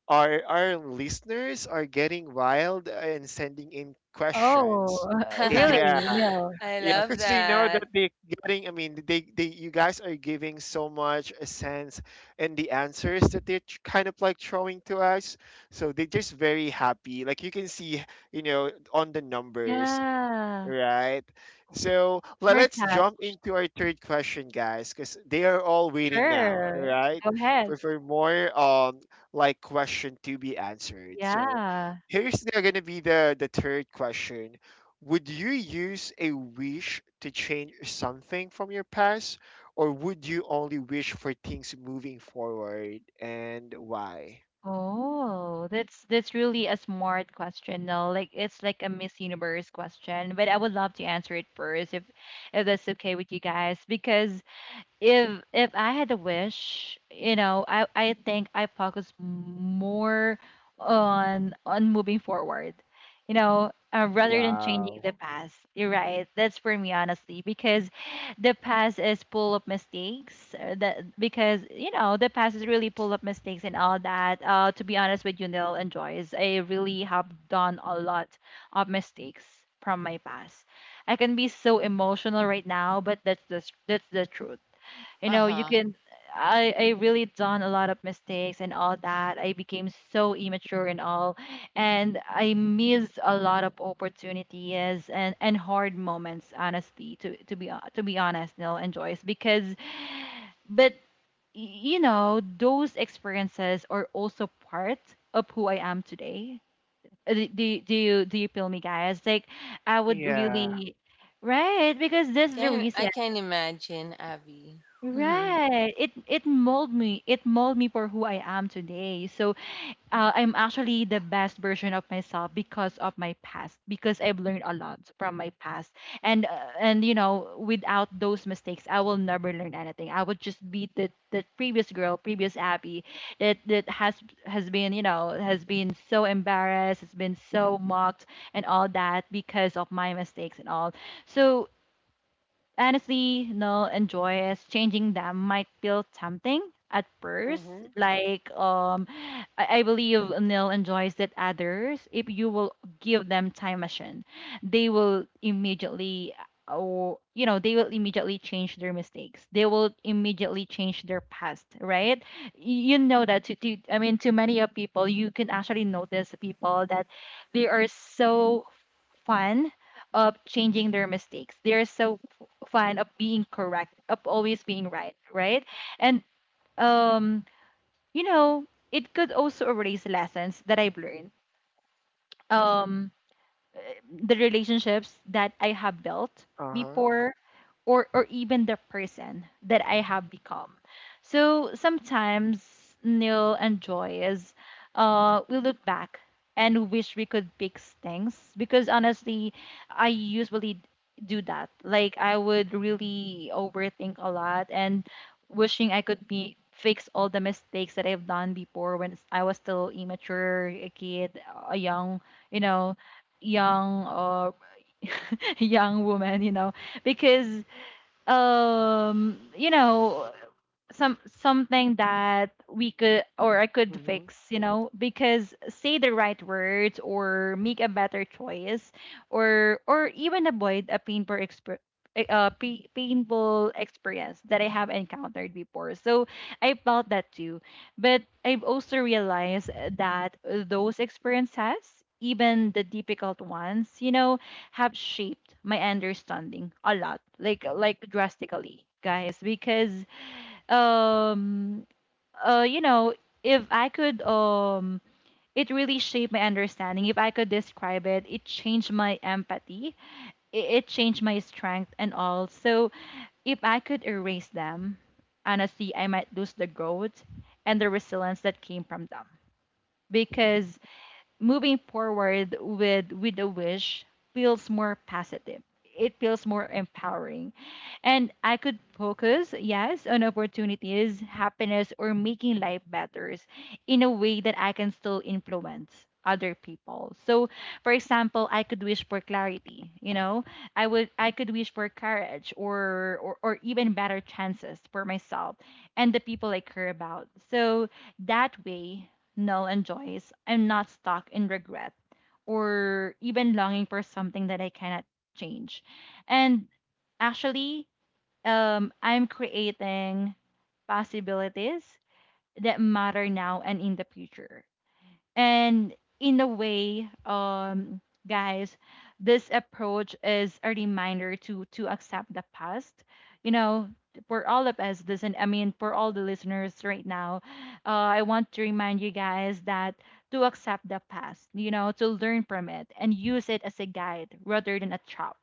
[SPEAKER 1] our listeners are getting wild and sending in
[SPEAKER 2] Oh,
[SPEAKER 1] questions.
[SPEAKER 2] really?
[SPEAKER 3] I
[SPEAKER 1] Yeah,
[SPEAKER 2] No.
[SPEAKER 1] yeah,
[SPEAKER 3] love
[SPEAKER 1] because they know
[SPEAKER 3] that.
[SPEAKER 1] that they getting, I mean, they you guys are giving so much a sense, and the answers that they're kind of like throwing to us. So they're just very happy. Like, you can see, you know, on the numbers.
[SPEAKER 2] Yeah,
[SPEAKER 1] Right. So
[SPEAKER 2] we're
[SPEAKER 1] let's jump
[SPEAKER 2] touched.
[SPEAKER 1] into our third question, guys, because they are all waiting now. All
[SPEAKER 2] Sure.
[SPEAKER 1] right.
[SPEAKER 2] Go ahead.
[SPEAKER 1] For, more like question to be answered. So
[SPEAKER 2] Yeah.
[SPEAKER 1] here's the, gonna be the third question. Would you use a wish to change something from your past, or would you only wish for things moving forward, and why?
[SPEAKER 2] Oh, that's really a smart question. No, like it's like a Miss Universe question, but I would love to answer it first if that's okay with you guys because if I had a wish, you know, I think I focus more on moving forward, you know, rather than changing
[SPEAKER 1] Wow.
[SPEAKER 2] the past. You're right. That's for me honestly because the past is full of mistakes. That because you know the past is really full of mistakes and all that. To be honest with you, Neil and Joyce, I really have done a lot of mistakes from my past. I can be so emotional right now, but that's the truth, you
[SPEAKER 3] Uh
[SPEAKER 2] know, you
[SPEAKER 3] huh.
[SPEAKER 2] can I really done a lot of mistakes and all that, I became so immature and all, and I missed a lot of opportunities and hard moments, honestly, to be honest, Neil and Joyce, because but you know those experiences are also part of who I am today. Do you feel me, guys? Like I would
[SPEAKER 1] Yeah.
[SPEAKER 2] really, right, because
[SPEAKER 3] I
[SPEAKER 2] that's the
[SPEAKER 3] can
[SPEAKER 2] reason.
[SPEAKER 3] I can imagine, Abby. Mhm.
[SPEAKER 2] Right. It mold me. It mold me for who I am today. So I'm actually the best version of myself because of my past. Because I've learned a lot from my past, and you know, without those mistakes, I will never learn anything. I would just be the previous girl, previous Abby, that has been, you know, has been so embarrassed, has been so mocked and all that because of my mistakes and all. So honestly, no, enjoy is, changing them might feel tempting at first.
[SPEAKER 1] Mm-hmm.
[SPEAKER 2] Like um I believe Neil enjoys that others, if you will give them time machine, they will immediately, or you know, they will immediately change their mistakes, they will immediately change their past, right? You know that, to I mean, to many of people you can actually notice people that they are so fun of changing their mistakes. They're so fond of being correct, of always being right, right? And um, you know, it could also erase lessons that I've learned. Um, the relationships that I have built
[SPEAKER 1] Uh-huh.
[SPEAKER 2] before, or even the person that I have become. So sometimes, Neil and Joy is, we look back and wish we could fix things because honestly I usually do that. Like I would really overthink a lot and wishing I could be fix all the mistakes that I've done before when I was still immature, a kid, a young, you know, young or young woman, you know, because you know something that we could or I could
[SPEAKER 1] Mm-hmm.
[SPEAKER 2] fix, you know, because say the right words or make a better choice, or even avoid a painful exp a painful experience that I have encountered before. So I felt that too. But I've also realized that those experiences, even the difficult ones, you know, have shaped my understanding a lot, like drastically, guys. Because um you know, if I could it really shaped my understanding. If I could describe it, it changed my empathy. It changed my strength and all. So if I could erase them, honestly, I might lose the growth and the resilience that came from them. Because moving forward with a wish feels more positive, it feels more empowering, and I could focus, yes, on opportunities, happiness, or making life better in a way that I can still influence other people. So for example, I could wish for clarity, you know, I could wish for courage, or even better chances for myself and the people I care about. So that way, null and joys, I'm not stuck in regret or even longing for something that I cannot change. And actually, I'm creating possibilities that matter now and in the future. And in a way, guys, this approach is a reminder to accept the past. You know, for all of us, listen, I mean, for all the listeners right now, I want to remind you guys that to accept the past, you know, to learn from it and use it as a guide rather than a trap,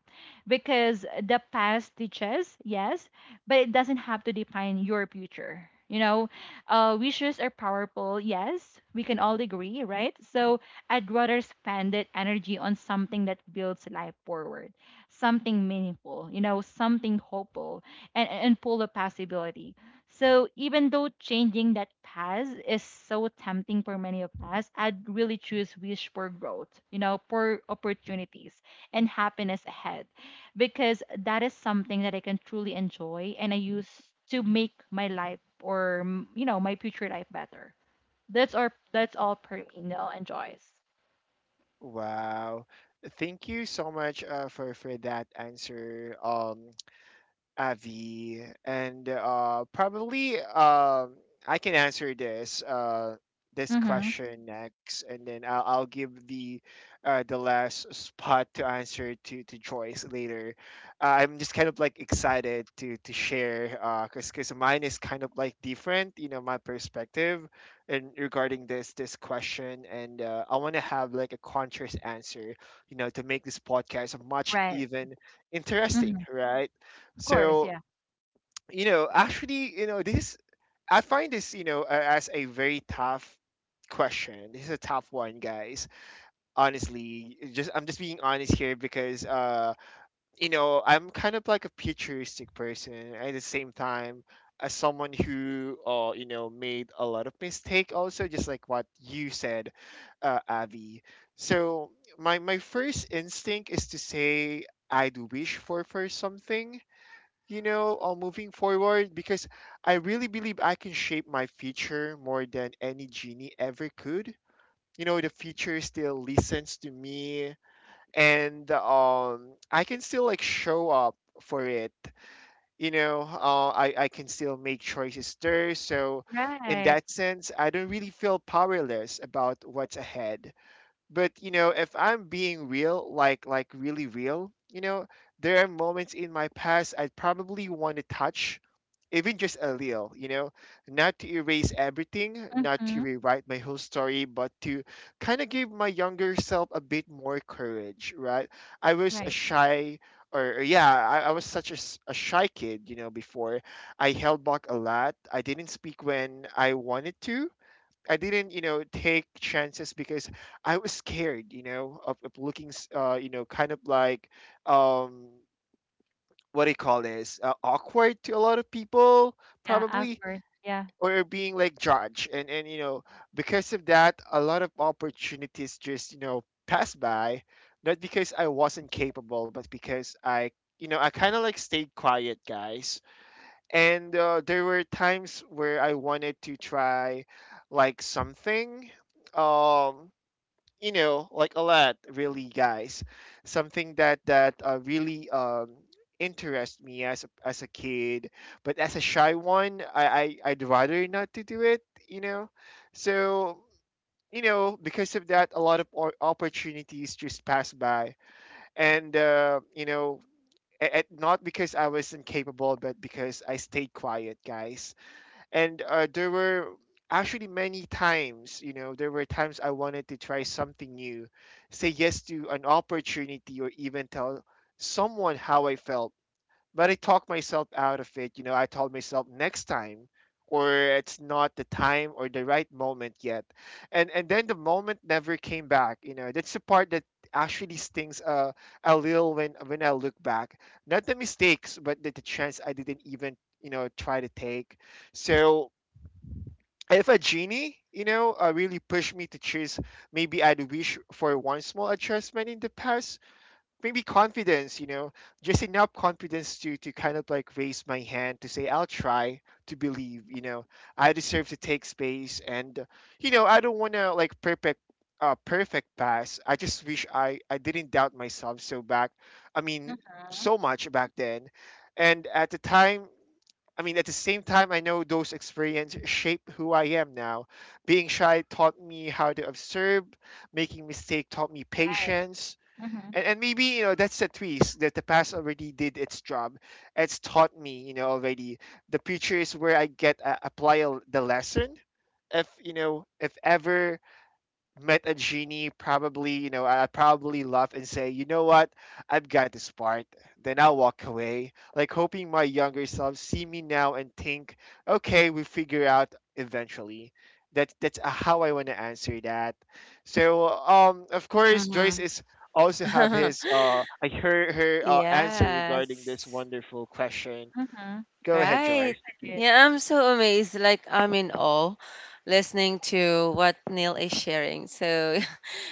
[SPEAKER 2] because the past teaches, yes, but it doesn't have to define your future. You know, wishes are powerful, yes, we can all agree, right? So I'd rather spend that energy on something that builds life forward, something meaningful, you know, something hopeful and full of possibility. So even though changing that path is so tempting for many of us, I'd really choose wish for growth, you know, for opportunities and happiness ahead, because that is something that I can truly enjoy and I use to make my life, or you know, my future life better. That's our, that's all per enjoys.
[SPEAKER 1] Wow. Thank you so much for that answer, Avi, and probably I can answer this this
[SPEAKER 2] Mm-hmm.
[SPEAKER 1] question next, and then I'll give the last spot to answer to Joyce later. I'm just kind of like excited to share cause cause mine is kind of like different, you know, my perspective, and regarding this question, and I want to have like a contrast answer, you know, to make this podcast much
[SPEAKER 2] Right.
[SPEAKER 1] even
[SPEAKER 2] Mm-hmm.
[SPEAKER 1] interesting, right?
[SPEAKER 2] Of course.
[SPEAKER 1] So,
[SPEAKER 2] Yeah.
[SPEAKER 1] you know, actually, you know, this I find this, you know, as a very tough question. This is a tough one, guys. Honestly, just I'm just being honest here because you know, I'm kind of like a futuristic person at the same time as someone who you know, made a lot of mistake also, just like what you said, Avi. So, my first instinct is to say I do wish for something, you know, moving forward because I really believe I can shape my future more than any genie ever could. You know, the future still listens to me, and I can still like show up for it. You know, I can still make choices there. So, in
[SPEAKER 2] Right.
[SPEAKER 1] that sense, I don't really feel powerless about what's ahead. But you know, if I'm being real, like really real, you know, there are moments in my past I'd probably want to touch, even just a little, you know, not to erase everything, not to
[SPEAKER 2] Mm-hmm.
[SPEAKER 1] rewrite my whole story, but to kind of give my younger self a bit more courage, right? I was a
[SPEAKER 2] Right.
[SPEAKER 1] shy, or yeah, I was such a, a shy kid, you know, before. I held back a lot, I didn't speak when I wanted to. I didn't, you know, take chances because I was scared, you know, of, looking, you know, kind of like, um, what do you call this? Awkward to a lot of people,
[SPEAKER 2] Yeah.
[SPEAKER 1] probably,
[SPEAKER 2] Awkward. Yeah.
[SPEAKER 1] or being like judged. And, you know, because of that, a lot of opportunities just, you know, passed by. Not because I wasn't capable, but because I, you know, I kind of like stayed quiet, guys, and there were times where I wanted to try like something, um you know, like a lot really, guys, something that really interest me as a, kid, but as a shy one, I, I'd rather not to do it, you know. So, you know, because of that, a lot of opportunities just passed by, and you know, and not because I was incapable, but because I stayed quiet, guys. And there were actually many times, you know, there were times I wanted to try something new, say yes to an opportunity, or even tell someone how I felt, but I talked myself out of it. You know, I told myself, next time, or it's not the time, or the right moment yet. And then the moment never came back. You know, that's the part that actually stings a little, when I look back. Not the mistakes, but the, chance I didn't even, you know, try to take. So if a genie, you know, really pushed me to choose, maybe I'd wish for one small adjustment in the past. Maybe confidence, you know, just enough confidence to kind of like raise my hand, to say I'll try, to believe, you know, I deserve to take space. And you know, I don't want to like perfect perfect pass. I just wish I didn't doubt myself so back, I mean, so much back then. And at the time, I mean, at the same time, I know those experiences shape who I am now. Being shy taught me how to observe, making mistake taught me
[SPEAKER 2] Right.
[SPEAKER 1] patience,
[SPEAKER 2] Mm-hmm.
[SPEAKER 1] and maybe, you know, that's a twist, that the past already did its job. It's taught me, you know, already. The future is where I get apply a, the lesson. If you know, if ever met a genie, probably, you know, I probably laugh and say, you know what, I've got this part. Then I'll walk away, like hoping my younger self see me now and think, okay, we figure out eventually. That's how I want to answer that. So of course, Joyce
[SPEAKER 3] Mhm.
[SPEAKER 1] is also have his like her answer regarding this
[SPEAKER 3] Yes.
[SPEAKER 1] wonderful question.
[SPEAKER 2] Mm-hmm.
[SPEAKER 1] Go ahead,
[SPEAKER 3] Right.
[SPEAKER 1] Joyce.
[SPEAKER 2] Right.
[SPEAKER 3] Yeah, I'm so amazed. Like I'm in awe listening to what Neil is sharing. So,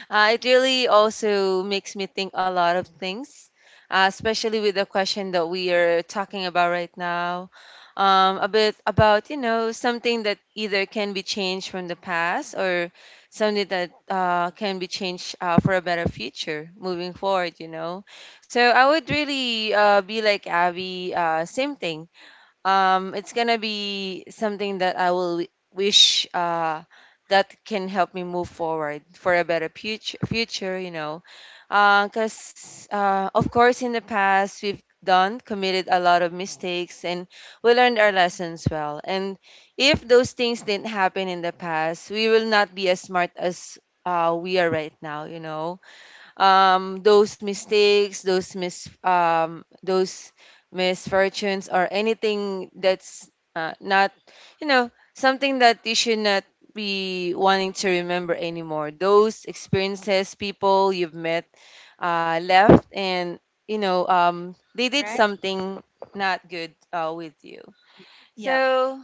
[SPEAKER 3] It really also makes me think a lot of things, especially with the question that we are talking about right now. A bit about, something that either can be changed from the past, or something that can be changed for a better future moving forward. So I would really be like Abby, same thing, it's gonna be something that I will wish that can help me move forward for a better future. Future, because of course, in the past, we've done committed a lot of mistakes, and we learned our lessons well. And if those things didn't happen in the past, we will not be as smart as we are right now. Those mistakes, those misfortunes, or anything that's not, something that you should not be wanting to remember anymore. Those experiences, people you've met, left, and they did
[SPEAKER 2] Right.
[SPEAKER 3] something not good with you.
[SPEAKER 2] Y- Yeah.
[SPEAKER 3] So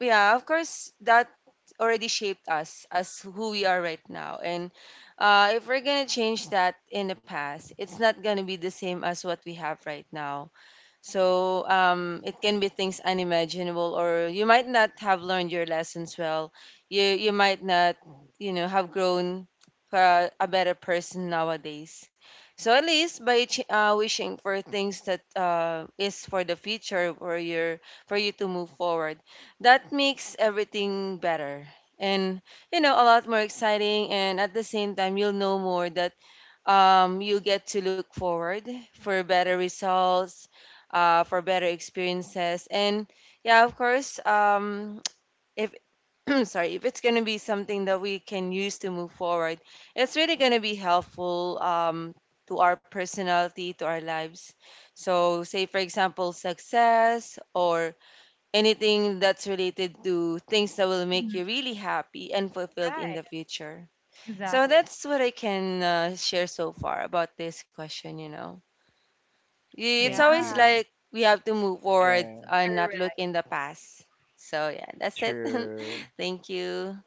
[SPEAKER 3] yeah, of course, that already shaped us as who we are right now. And if we're gonna change that in the past, it's not gonna be the same as what we have right now. So it can be things unimaginable, or you might not have learned your lessons well. You might not, have grown a better person nowadays. So at least by wishing for things that is for the future, for your for you to move forward, that makes everything better, and a lot more exciting. And at the same time, you'll know more that you get to look forward for better results, for better experiences, and yeah, of course, if sorry, if it's gonna be something that we can use to move forward, it's really gonna be helpful to our personality, to our lives. So, say, for example, success or anything that's related to things that will make
[SPEAKER 2] Mhm.
[SPEAKER 3] you really happy and fulfilled in
[SPEAKER 2] Right.
[SPEAKER 3] the future. So
[SPEAKER 2] Exactly.
[SPEAKER 3] that's what I can share so far about this question. It's
[SPEAKER 1] Thank
[SPEAKER 2] Yeah.
[SPEAKER 3] always
[SPEAKER 1] you.
[SPEAKER 3] like we have to move forward
[SPEAKER 1] Yeah,
[SPEAKER 3] and not look
[SPEAKER 2] Correct.
[SPEAKER 3] in the past. So yeah, that's it.
[SPEAKER 1] true.
[SPEAKER 3] Thank you.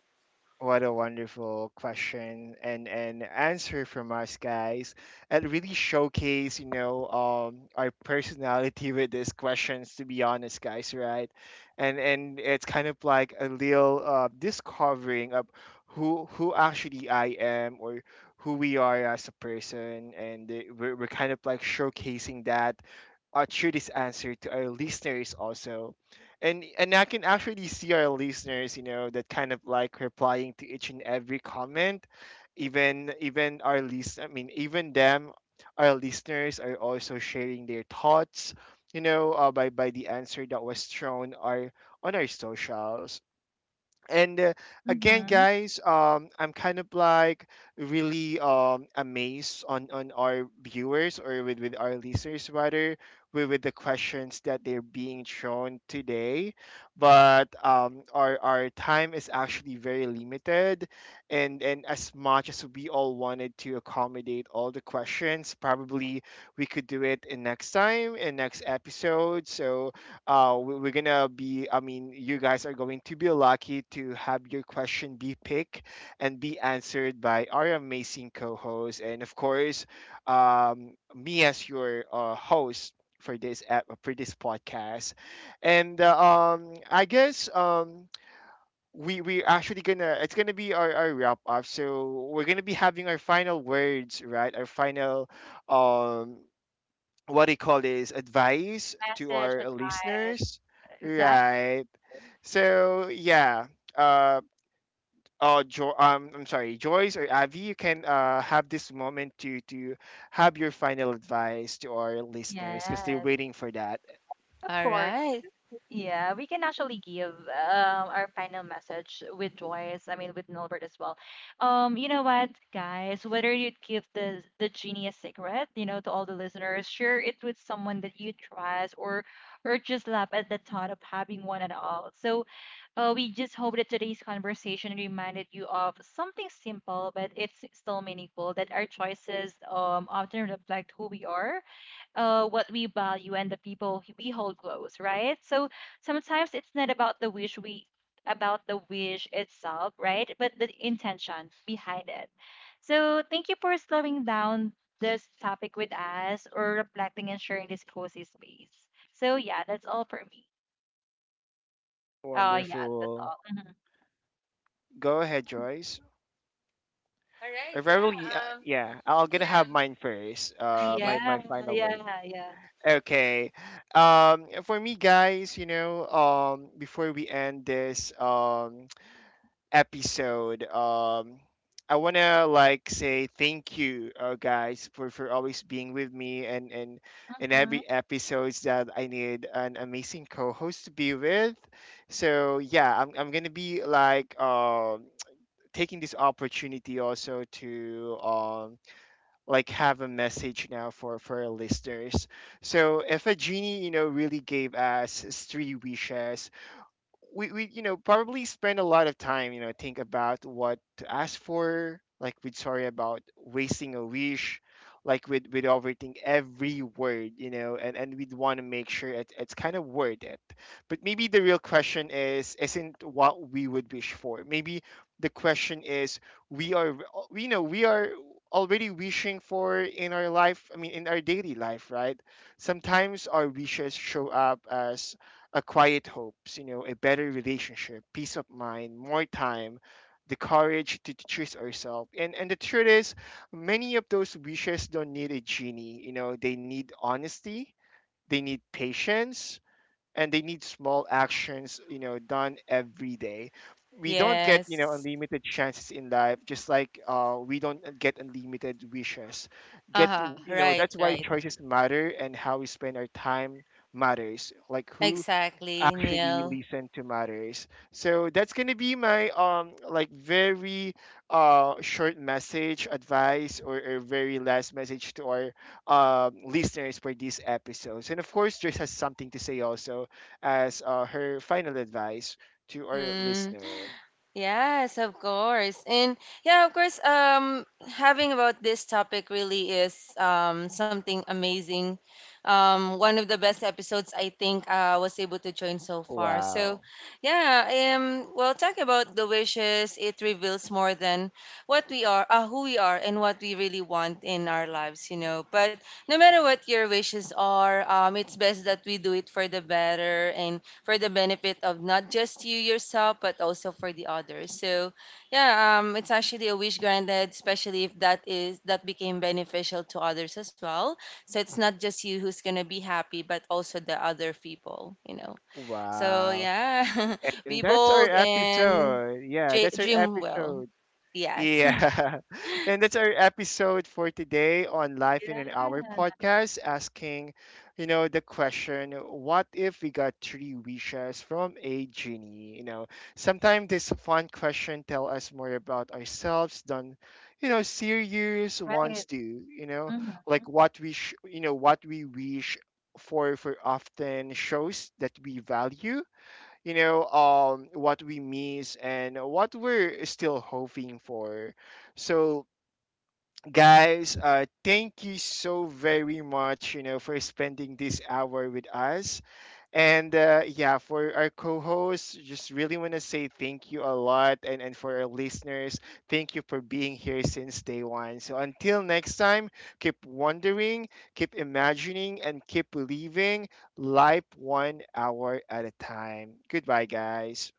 [SPEAKER 1] What a wonderful question and answer from us guys. It really showcase, you know, our personality with these questions. To be honest, guys, right? And it's kind of like a little discovering of who actually I am, or who we are as a person. And we're kind of like showcasing that through this answer to our listeners also. And I can actually see our listeners, you know, that kind of like replying to each and every comment, even them, our listeners are also sharing their thoughts, you know, by the answer that was thrown our, on our socials. And again,
[SPEAKER 2] Mm-hmm.
[SPEAKER 1] guys, I'm kind of like really amazed on our viewers, or with our listeners rather, with the questions that they're being thrown today. But our time is actually very limited, and as much as we all wanted to accommodate all the questions, probably we could do it in next time, in next episode. So we- we're gonna be I mean you guys are going to be lucky to have your question be picked and be answered by our amazing co-host, and of course me as your host for this app, for this podcast. And I guess we actually gonna it's gonna be our wrap up. So we're gonna be having our final words, right? Our final um what do you call this, advice to
[SPEAKER 2] Message,
[SPEAKER 1] our
[SPEAKER 2] advice.
[SPEAKER 1] listeners,
[SPEAKER 2] Exactly.
[SPEAKER 1] right? So yeah. uh I'm sorry, Joyce or Avi, you can have this moment to have your final advice to our listeners because they're
[SPEAKER 2] Yes.
[SPEAKER 1] waiting for that.
[SPEAKER 2] Of
[SPEAKER 3] All
[SPEAKER 2] course.
[SPEAKER 3] right.
[SPEAKER 2] Yeah, we can actually give our final message with Joyce, I mean with Nilbert as well. You know what, guys, whether you give the genie a secret, you know, to all the listeners, share it with someone that you trust, or just laugh at the thought of having one at all. So we just hope that today's conversation reminded you of something simple, but it's still meaningful, that our choices often reflect who we are, what we value, and the people we hold close, right? So sometimes it's not about the wish we about the wish itself, right? But the intention behind it. So thank you for slowing down this topic with us, or reflecting and sharing this cozy space. So yeah, that's all for me. Oh yeah, that's
[SPEAKER 1] Wonderful.
[SPEAKER 2] all. Mhm.
[SPEAKER 1] Go ahead, Joyce.
[SPEAKER 3] All right,
[SPEAKER 1] Or
[SPEAKER 3] yeah.
[SPEAKER 1] really, yeah, I'll gonna have
[SPEAKER 3] Yeah,
[SPEAKER 1] mine first, my
[SPEAKER 3] okay.
[SPEAKER 2] Yeah,
[SPEAKER 1] my final word.
[SPEAKER 2] yeah, yeah.
[SPEAKER 1] Okay. For me, guys, you know, before we end this episode. I wanna like say thank you, guys, for always being with me, and in
[SPEAKER 2] Mm-hmm.
[SPEAKER 1] every episodes that I need an amazing co-host to be with. So yeah, I'm gonna be like taking this opportunity also to like have a message now for our listeners. So if a genie, you know, really gave us three wishes, we you know probably spend a lot of time, you know, think about what to ask for, like with, sorry, about wasting a wish, like with overthink every word, you know, and we'd want to make sure it's kind of worth it. But maybe the real question is, isn't what we would wish for, maybe the question is, we are, you know, we are already wishing for in our life, I mean in our daily life, right? Sometimes our wishes show up as a quiet hopes, you know, a better relationship, peace of mind, more time, the courage to choose ourselves. And the truth is, many of those wishes don't need a genie. You know, they need honesty, they need patience, and they need small actions. You know, done every day. We don't get, you know,
[SPEAKER 3] Yes.
[SPEAKER 1] unlimited chances in life, just like we don't get unlimited wishes. Get,
[SPEAKER 3] Uh-huh.
[SPEAKER 1] you know,
[SPEAKER 3] Right,
[SPEAKER 1] that's why
[SPEAKER 3] right.
[SPEAKER 1] choices matter, and how we spend our time matters. Like who
[SPEAKER 3] Exactly,
[SPEAKER 1] actually
[SPEAKER 3] Neil.
[SPEAKER 1] listen to matters. So that's going to be my like very short message, advice, or very last message to our listeners for these episodes. And of course Joyce has something to say also as her final advice to our
[SPEAKER 3] Mm-hmm.
[SPEAKER 1] listener.
[SPEAKER 3] Yes, of course. And yeah, of course, having about this topic really is something amazing. One of the best episodes I think I was able to join so far. So,
[SPEAKER 1] Wow.
[SPEAKER 3] yeah, well, talk about the wishes, it reveals more than what we are, who we are and what we really want in our lives. But no matter what your wishes are, it's best that we do it for the better, and for the benefit of not just you yourself, but also for the others. So, yeah, it's actually a wish granted, especially if that became beneficial to others as well. So it's not just you who's gonna be happy, but also the other people. So
[SPEAKER 1] Wow.
[SPEAKER 3] yeah,
[SPEAKER 1] and
[SPEAKER 3] be
[SPEAKER 1] That's our
[SPEAKER 3] bold and
[SPEAKER 1] episode. Yeah, that's our
[SPEAKER 3] dream well.
[SPEAKER 1] episode.
[SPEAKER 3] Yes.
[SPEAKER 1] Yeah. And that's our episode for today on Life in an
[SPEAKER 2] Yeah,
[SPEAKER 1] Hour podcast, asking, you know, the question, what if we got three wishes from a genie? You know, sometimes this fun question tell us more about ourselves than, you know, serious
[SPEAKER 2] right.
[SPEAKER 1] ones do, you know,
[SPEAKER 2] Mm-hmm.
[SPEAKER 1] like what we, sh- you know, what we wish for often shows that we value, you know, what we miss and what we're still hoping for. So guys, thank you so very much, you know, for spending this hour with us. And yeah, for our co-hosts, just really want to say thank you a lot. And for our listeners, thank you for being here since day one. So until next time, keep wondering, keep imagining, and keep believing, life one hour at a time. Goodbye, guys.